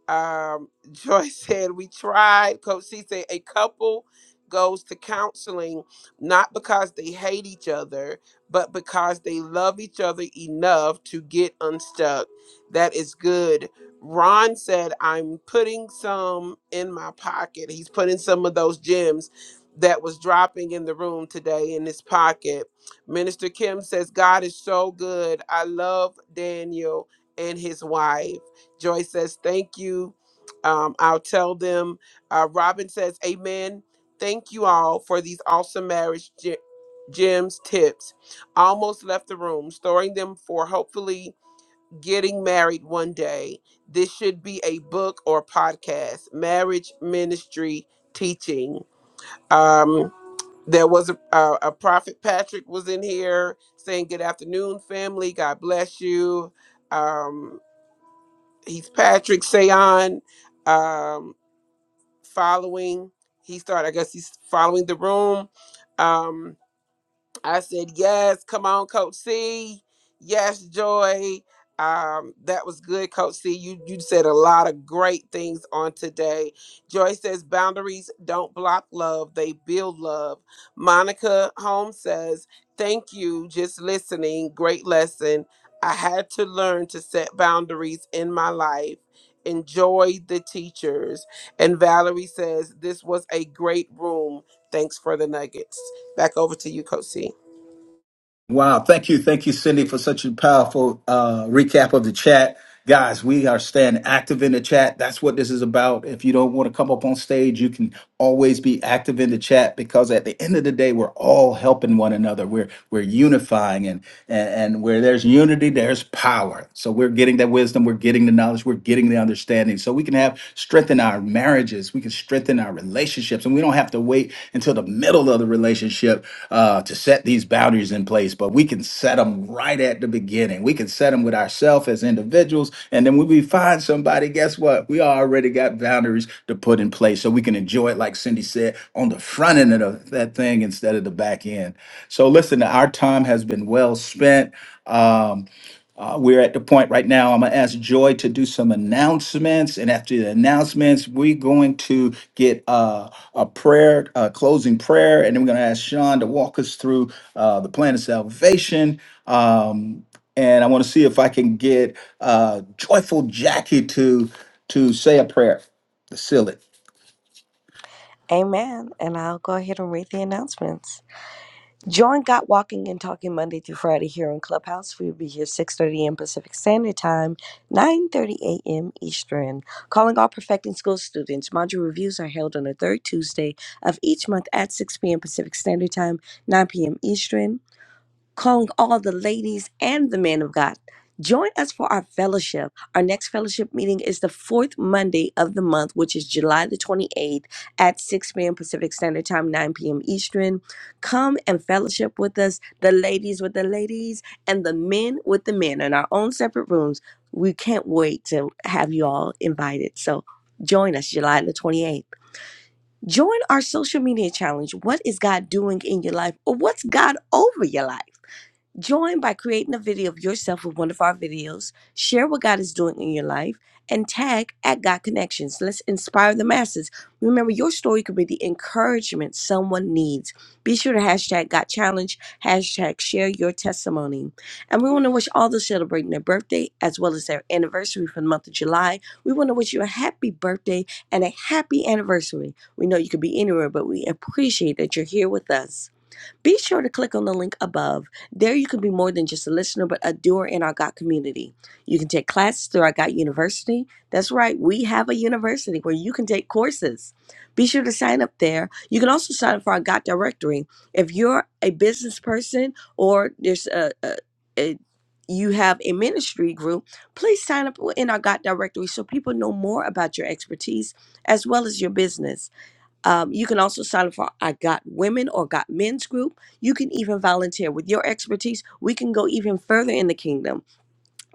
Speaker 7: Um, Joy said, We tried. Coach C said, A couple goes to counseling not because they hate each other, but because they love each other enough to get unstuck. That is good. Ron said, I'm putting some in my pocket. He's putting some of those gems that was dropping in the room today in his pocket. Minister Kim says, God is so good. I love Daniel and his wife. Joy says, Thank you. Um, I'll tell them. Uh, Robin says, Amen. Thank you all for these awesome marriage ge- gems, tips. Almost left the room, storing them for hopefully getting married one day. This should be a book or podcast, marriage ministry teaching. Um, there was a, a, a prophet Patrick was in here saying, "Good afternoon, family. God bless you." Um, Heath Patrick Sayon um, following. He started, I guess he's following the room. Um, I said, Yes, come on, Coach C. Yes, Joy. Um, that was good, Coach C. You you said a lot of great things on today. Joy says boundaries don't block love, they build love. Monica Holmes says, Thank you, just listening. Great lesson. I had to learn to set boundaries in my life. Enjoy the teachers. And Valerie says, This was a great room. Thanks for the nuggets. Back over to you, Coach C.
Speaker 6: Wow. Thank you. Thank you, Cindy, for such a powerful uh, recap of the chat. Guys, we are staying active in the chat. That's what this is about. If you don't want to come up on stage, you can always be active in the chat because at the end of the day, we're all helping one another. We're we're unifying and and, and where there's unity, there's power. So we're getting that wisdom, we're getting the knowledge, we're getting the understanding. So we can have strengthen our marriages, we can strengthen our relationships, and we don't have to wait wait until the middle of the relationship uh, to set these boundaries in place, but we can set them right at the beginning. We can set them with ourselves as individuals. And then when we find somebody, guess what? We already got boundaries to put in place so we can enjoy it, like Cindy said, on the front end of the- that thing instead of the back end. So, listen, our time has been well spent. Um, uh, we're at the point right now. I'm going to ask Joy to do some announcements. And after the announcements, we're going to get uh, a prayer, a closing prayer. And then we're going to ask Sean to walk us through uh, the plan of salvation. Um, and I want to see if I can get uh, Joyful Jackie to to say a prayer to seal it.
Speaker 10: Amen. And I'll go ahead and read the announcements. Join Got Walking and Talking Monday through Friday here on Clubhouse. We'll be here 6.30 a.m. Pacific Standard Time, 9.30 a.m. Eastern. Calling all Perfecting School students, module reviews are held on the third Tuesday of each month at 6 p.m. Pacific Standard Time, 9 p.m. Eastern calling all the ladies and the men of God. Join us for our fellowship. Our next fellowship meeting is the fourth Monday of the month, which is July the 28th at 6 p.m. Pacific Standard Time, 9 p.m. Eastern. Come and fellowship with us, the ladies with the ladies and the men with the men in our own separate rooms. We can't wait to have you all invited. So join us July the 28th. Join our social media challenge. What is God doing in your life? Or what's God over your life? Join by creating a video of yourself with one of our videos. Share what God is doing in your life and tag at God Connections. Let's inspire the masses. Remember, your story could be the encouragement someone needs. Be sure to hashtag God Challenge, hashtag share your testimony. And we want to wish all those celebrating their birthday as well as their anniversary for the month of July. We want to wish you a happy birthday and a happy anniversary. We know you could be anywhere, but we appreciate that you're here with us. Be sure to click on the link above. There, you can be more than just a listener, but a doer in our GOT community. You can take classes through our GOT University. That's right, we have a university where you can take courses. Be sure to sign up there. You can also sign up for our GOT directory. If you're a business person or there's a, a, a you have a ministry group, please sign up in our GOT directory so people know more about your expertise as well as your business. Um, you can also sign up for I Got Women or Got Men's group. You can even volunteer with your expertise. We can go even further in the kingdom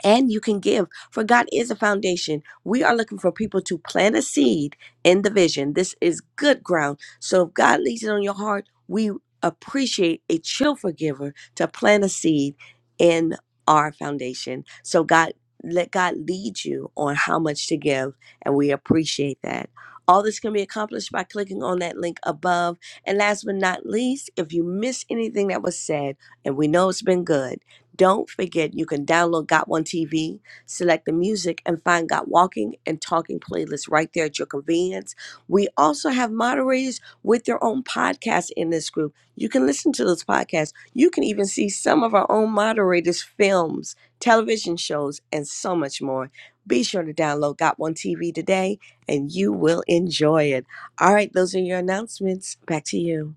Speaker 10: and you can give for god is a foundation we are looking for people to plant a seed in the vision this is good ground so if god leads it on your heart we appreciate a cheerful giver to plant a seed in our foundation so god let god lead you on how much to give and we appreciate that all this can be accomplished by clicking on that link above. And last but not least, if you miss anything that was said, and we know it's been good, don't forget you can download Got One TV, select the music, and find Got Walking and Talking playlist right there at your convenience. We also have moderators with their own podcasts in this group. You can listen to those podcasts. You can even see some of our own moderators' films, television shows, and so much more. Be sure to download Got One TV today and you will enjoy it. All right, those are your announcements. Back to you.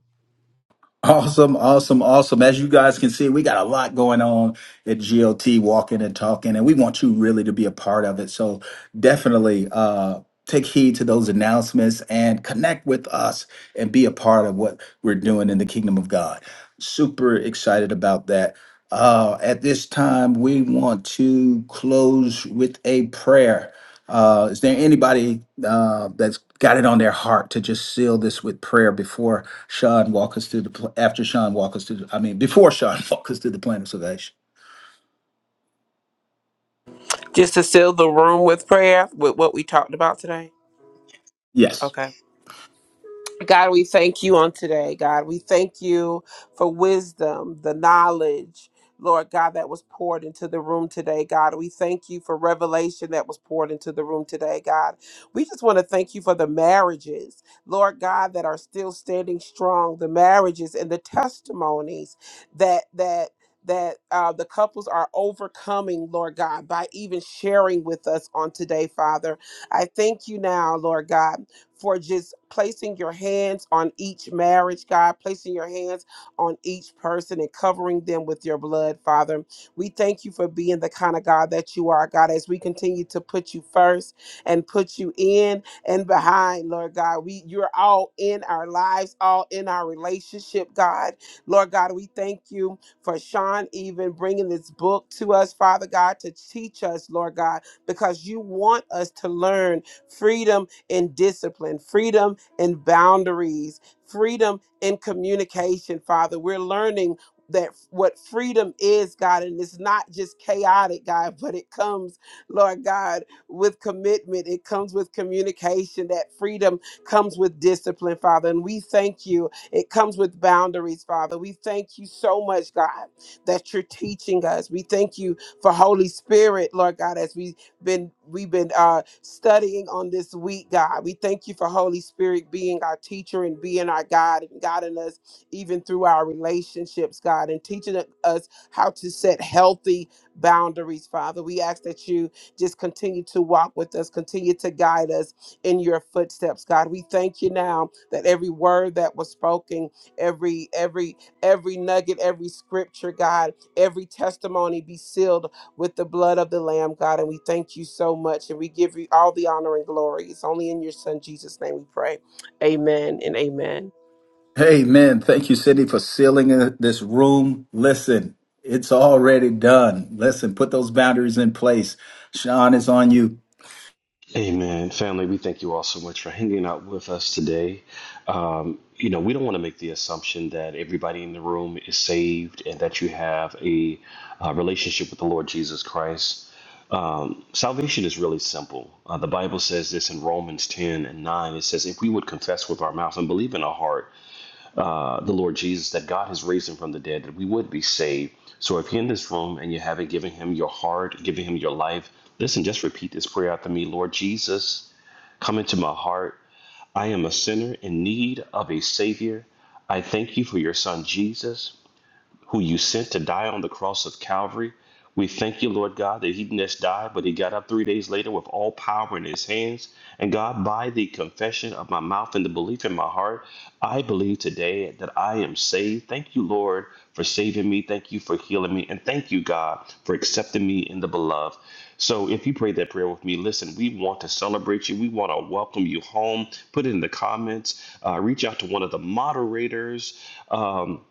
Speaker 6: Awesome, awesome, awesome. As you guys can see, we got a lot going on at GLT, walking and talking, and we want you really to be a part of it. So definitely uh, take heed to those announcements and connect with us and be a part of what we're doing in the kingdom of God. Super excited about that. Uh, at this time, we want to close with a prayer. Uh, is there anybody uh, that's got it on their heart to just seal this with prayer before Sean walk us through the pl- after Sean walk us through? The, I mean, before Sean walk us through the plan of salvation.
Speaker 7: Just to seal the room with prayer with what we talked about today?
Speaker 6: Yes.
Speaker 7: Okay. God, we thank you on today, God. We thank you for wisdom, the knowledge, Lord God, that was poured into the room today, God. We thank you for revelation that was poured into the room today, God. We just want to thank you for the marriages, Lord God, that are still standing strong, the marriages and the testimonies that, that, that uh, the couples are overcoming, Lord God, by even sharing with us on today, Father. I thank you now, Lord God for just placing your hands on each marriage, God, placing your hands on each person and covering them with your blood, Father. We thank you for being the kind of God that you are, God, as we continue to put you first and put you in and behind, Lord God. We you're all in our lives, all in our relationship, God. Lord God, we thank you for Sean even bringing this book to us, Father God, to teach us, Lord God, because you want us to learn freedom and discipline, freedom and boundaries, freedom and communication, Father. We're learning that what freedom is, God, and it's not just chaotic, God, but it comes, Lord God, with commitment. It comes with communication. That freedom comes with discipline, Father. And we thank you. It comes with boundaries, Father. We thank you so much, God, that you're teaching us. We thank you for Holy Spirit, Lord God, as we been we've been uh, studying on this week, God. We thank you for Holy Spirit being our teacher and being our guide and guiding us even through our relationships, God, and teaching us how to set healthy boundaries, Father. We ask that you just continue to walk with us, continue to guide us in your footsteps, God. We thank you now that every word that was spoken, every every every nugget, every scripture, God, every testimony be sealed with the blood of the Lamb, God. And we thank you so much. And we give you all the honor and glory. It's only in your Son, Jesus' name, we pray. Amen and amen.
Speaker 6: Amen. Thank you, Cindy, for sealing uh, this room. Listen, it's already done. Listen, put those boundaries in place. Sean is on you.
Speaker 3: Thank you all so much for hanging out with us today. Um, you know, we don't want to make the assumption that everybody in the room is saved and that you have a uh, relationship with the Lord Jesus Christ. Um, salvation is really simple. Uh, the Bible says this in Romans 10 and 9. It says, If we would confess with our mouth and believe in our heart uh, the Lord Jesus, that God has raised him from the dead, that we would be saved. So if you're in this room and you haven't given him your heart, given him your life, listen, just repeat this prayer after me Lord Jesus, come into my heart. I am a sinner in need of a Savior. I thank you for your Son, Jesus, who you sent to die on the cross of Calvary. We thank you, Lord God, that he didn't just die, but he got up three days later with all power in his hands. And God, by the confession of my mouth and the belief in my heart, I believe today that I am saved. Thank you, Lord, for saving me. Thank you for healing me. And thank you, God, for accepting me in the beloved. So if you prayed that prayer with me, listen, we want to celebrate you. We want to welcome you home. Put it in the comments. Uh, reach out to one of the moderators. Um,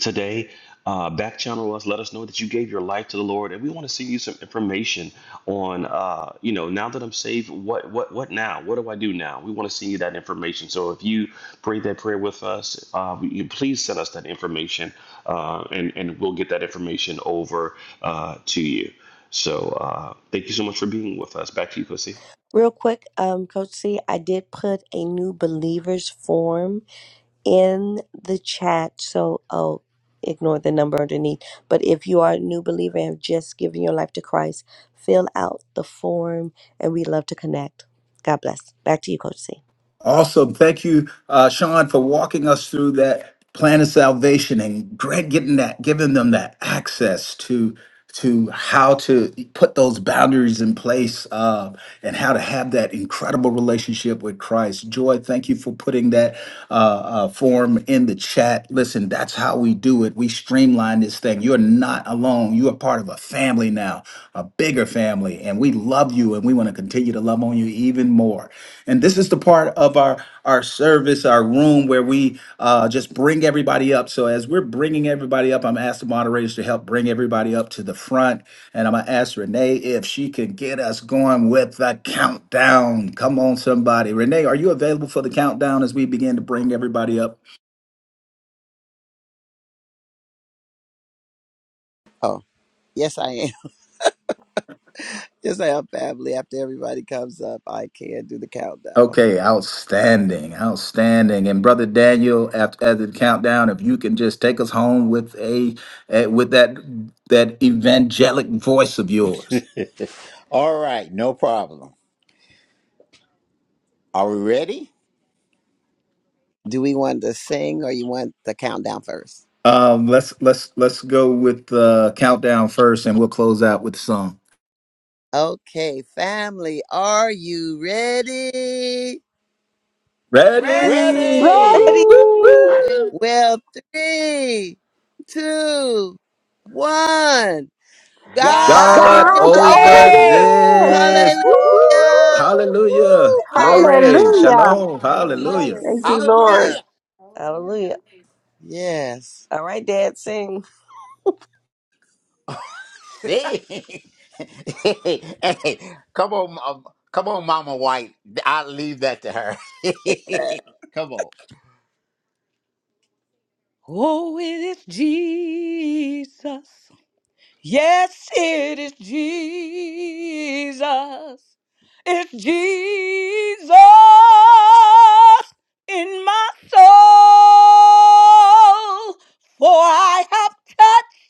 Speaker 3: today. Uh, back channel us. Let us know that you gave your life to the Lord, and we want to send you some information on, uh, you know, now that I'm saved, what, what, what now? What do I do now? We want to send you that information. So if you prayed that prayer with us, uh, you please send us that information, uh, and and we'll get that information over uh, to you. So uh, thank you so much for being with us. Back to you, Pussy.
Speaker 10: Real quick, um, Coach C, I did put a new believers form in the chat, so oh, ignore the number underneath. But if you are a new believer and have just given your life to Christ, fill out the form, and we love to connect. God bless. Back to you, Coach C.
Speaker 6: Awesome. Thank you, uh, Sean, for walking us through that plan of salvation and Greg getting that, giving them that access to to how to put those boundaries in place uh, and how to have that incredible relationship with Christ. Joy, thank you for putting that uh, uh, form in the chat. Listen, that's how we do it. We streamline this thing. You're not alone. You are part of a family family now, a bigger family, and we love you and we want to continue to love on you even more. And this is the part of our our service, our room where we uh, just bring everybody up. So as we're bringing everybody up, I'm asking moderators to help bring everybody up to the front, and I'm gonna ask Renee if she can get us going with the countdown. Come on, somebody. Renee, are you available for the countdown as we begin to bring everybody up?
Speaker 2: Oh, yes, I am. Just like our family. After everybody comes up, I can do the countdown.
Speaker 6: Okay, outstanding, outstanding. And brother Daniel, after as the countdown, if you can just take us home with a eh, with that that evangelic voice of yours.
Speaker 9: All right, no problem. Are we ready?
Speaker 2: Do we want to sing or you want the countdown first?
Speaker 6: Um, let's let's let's go with the countdown first, and we'll close out with the song.
Speaker 2: Okay, family, are you ready?
Speaker 9: Ready?
Speaker 6: Ready? Woo, woo,
Speaker 9: Ready?
Speaker 10: Ready?
Speaker 6: woo,
Speaker 13: ready.
Speaker 6: woo.
Speaker 2: Well, three, two, one.
Speaker 9: God's
Speaker 2: God
Speaker 9: God's
Speaker 2: is
Speaker 9: over over
Speaker 6: God
Speaker 10: God's
Speaker 13: God's
Speaker 2: over
Speaker 13: over
Speaker 10: over
Speaker 6: over
Speaker 2: this.
Speaker 10: this.
Speaker 9: this.
Speaker 10: Woo,
Speaker 13: this.
Speaker 6: this. Woo,
Speaker 13: Woo.
Speaker 6: woo,
Speaker 10: woo, woo,
Speaker 6: woo.
Speaker 2: Hallelujah.
Speaker 10: woo.
Speaker 9: Woo!
Speaker 6: Hallelujah.
Speaker 2: Woo, praise
Speaker 6: Glory.
Speaker 2: God.
Speaker 13: Hallelujah.
Speaker 6: Shalom.
Speaker 14: Got over
Speaker 10: Hallelujah.
Speaker 6: Hallelujah.
Speaker 14: this.
Speaker 13: Thank you, Lord.
Speaker 2: Hallelujah.
Speaker 9: Hallelujah.
Speaker 10: Hallelujah.
Speaker 2: Yes.
Speaker 10: All right, Dad, sing.
Speaker 9: Hey, hey, hey. Come on, um, come on, Mama White. I'll leave that to her. come on. Oh, it is Jesus. Yes, it is Jesus. It's Jesus in my soul. For I have touched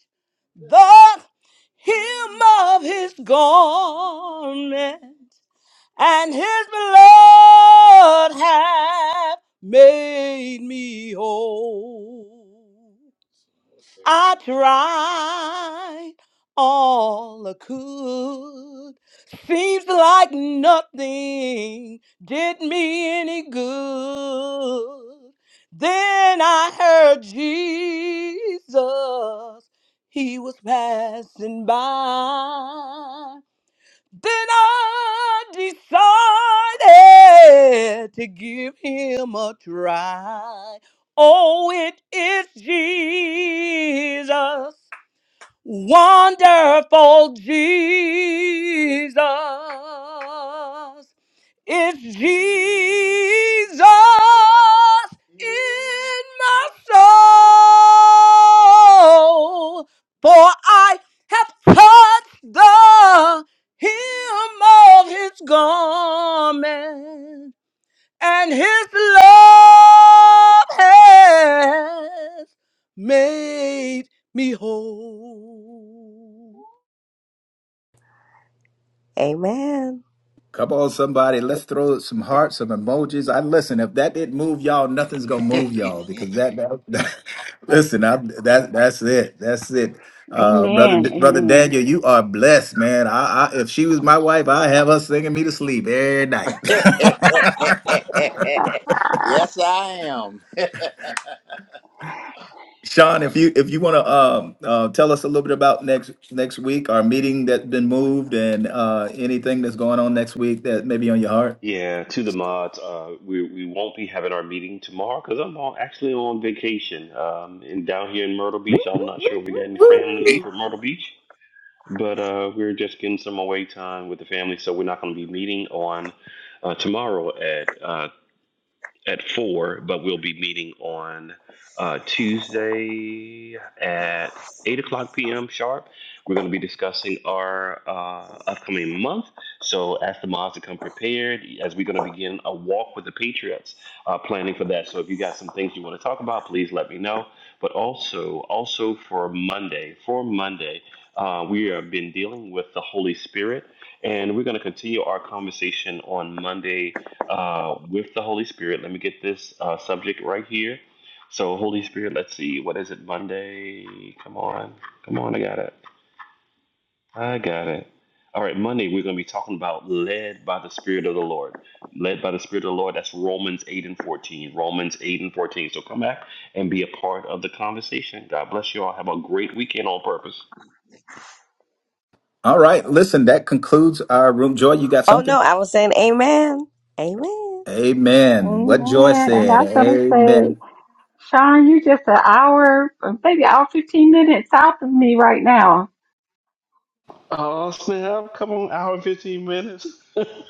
Speaker 9: the hem of his garment, and his blood hath made me whole. I tried all I could. Seems like nothing did me any good. Then I heard Jesus, he was passing by. Then I decided to give him a try. Oh, it is Jesus, wonderful Jesus. It's Jesus in my soul, for I have touched the hem of his garment, and his love has made me whole.
Speaker 10: Amen.
Speaker 6: Come on, somebody. Let's throw some hearts, some emojis. I listen. If that didn't move y'all, nothing's gonna move y'all because that. that- listen, I'm, that that's it. That's it. Uh, brother, brother Daniel, you are blessed, man. I, I if she was my wife, I would have her singing me to sleep every night.
Speaker 13: Ah,
Speaker 9: yes, I am.
Speaker 6: Sean, if you if you want to um, uh, tell us a little bit about next next week, our meeting that's been moved, and uh, anything that's going on next week that may be on your heart.
Speaker 3: Yeah, to the mods, uh, we we won't be having our meeting tomorrow because I'm on, actually on vacation. Um, and down here in Myrtle Beach, I'm not sure if we got any family in for Myrtle Beach, but uh, we're just getting some away time with the family, so we're not going to be meeting on uh, tomorrow at uh, at four, but we'll be meeting on uh, Tuesday at eight o'clock p.m. sharp. We're going to be discussing our uh, upcoming month. So ask the mods to come prepared as we're going to begin a walk with the Patriots, uh, planning for that. So if you got some things you want to talk about, please let me know. But also, also for Monday, for Monday, uh, we have been dealing with the Holy Spirit, and we're going to continue our conversation on Monday uh, with the Holy Spirit. Let me get this uh, subject right here. So, Holy Spirit, let's see. What is it? Monday? Come on. Come on. I got it. I got it. All right. Monday, we're going to be talking about led by the Spirit of the Lord. Led by the Spirit of the Lord. That's Romans 8 and 14. Romans 8 and 14. So, come back and be a part of the conversation. God bless you all. Have a great weekend on purpose.
Speaker 6: All right. Listen, that concludes our room. Joy, you got
Speaker 10: Oh
Speaker 6: something?
Speaker 10: no, I was saying Amen. Amen.
Speaker 6: Amen. What Joy said. Amen.
Speaker 3: Oh, snap. Come on. Hour and 15 minutes.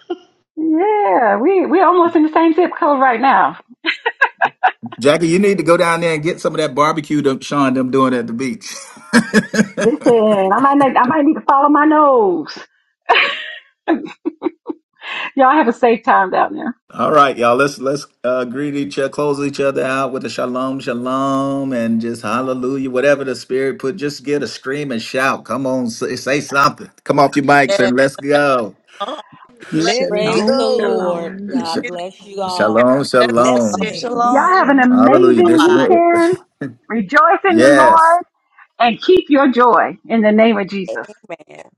Speaker 6: Jackie, you need to go down there and get some of that barbecue that Sean them doing at the beach.
Speaker 13: Listen, I might need, I might need to follow my nose. Y'all have a safe time down there.
Speaker 6: All right, y'all. Let's let's uh, greet each other, close each other out with a shalom, shalom, and just hallelujah. Whatever the spirit put, just get a scream and shout. Come on, say, say something. Come off your mics
Speaker 2: Yes.
Speaker 6: and let's go.
Speaker 2: Oh, bless
Speaker 15: Praise
Speaker 14: Shalom,
Speaker 15: the Lord.
Speaker 14: shalom.
Speaker 6: Sh-
Speaker 15: God
Speaker 2: you.
Speaker 15: bless you all.
Speaker 2: Have a
Speaker 6: Shalom,
Speaker 2: blessed weekend.
Speaker 6: shalom.
Speaker 16: Praise the
Speaker 13: Y'all
Speaker 16: Lord.
Speaker 9: Blessings.
Speaker 13: have an
Speaker 10: Shalom.
Speaker 16: Shalom.
Speaker 6: Hallelujah.
Speaker 13: amazing
Speaker 6: This
Speaker 2: Bye-bye.
Speaker 13: weekend. Rejoice in the
Speaker 6: yes.
Speaker 13: Lord. Anyway,
Speaker 10: Amen.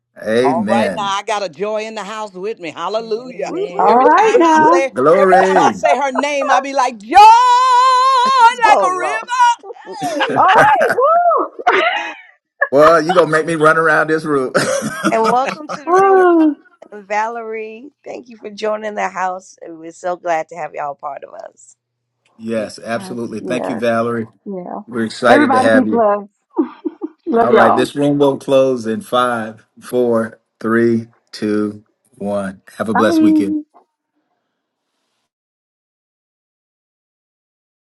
Speaker 9: All right now,
Speaker 6: Amen.
Speaker 9: I got a joy in the house with me. Hallelujah.
Speaker 10: Woo
Speaker 13: all
Speaker 15: Amen.
Speaker 10: woo.
Speaker 9: Every
Speaker 6: Woo,
Speaker 13: right
Speaker 9: time
Speaker 6: woo,
Speaker 9: I
Speaker 6: woo.
Speaker 13: now.
Speaker 9: say, every time I
Speaker 6: Glory.
Speaker 9: say her name, I be like joy like
Speaker 10: Oh
Speaker 9: a
Speaker 10: Lord.
Speaker 9: river. Hey.
Speaker 13: All right. Woo.
Speaker 6: Well, you going to make me run around this room.
Speaker 10: And welcome to the room,
Speaker 13: Woo.
Speaker 10: Valerie. Thank you for joining the house. We're so glad to have y'all part of us.
Speaker 2: Amen.
Speaker 6: yes,
Speaker 13: Yes,
Speaker 6: absolutely. Thank you, Valerie.
Speaker 13: yes, yeah.
Speaker 6: We're excited to
Speaker 13: Everybody be
Speaker 6: have you.
Speaker 13: blessed. Love
Speaker 6: All right.
Speaker 13: y'all.
Speaker 6: This room will close in five, four, three, two, one. Have a blessed weekend.
Speaker 13: Bye.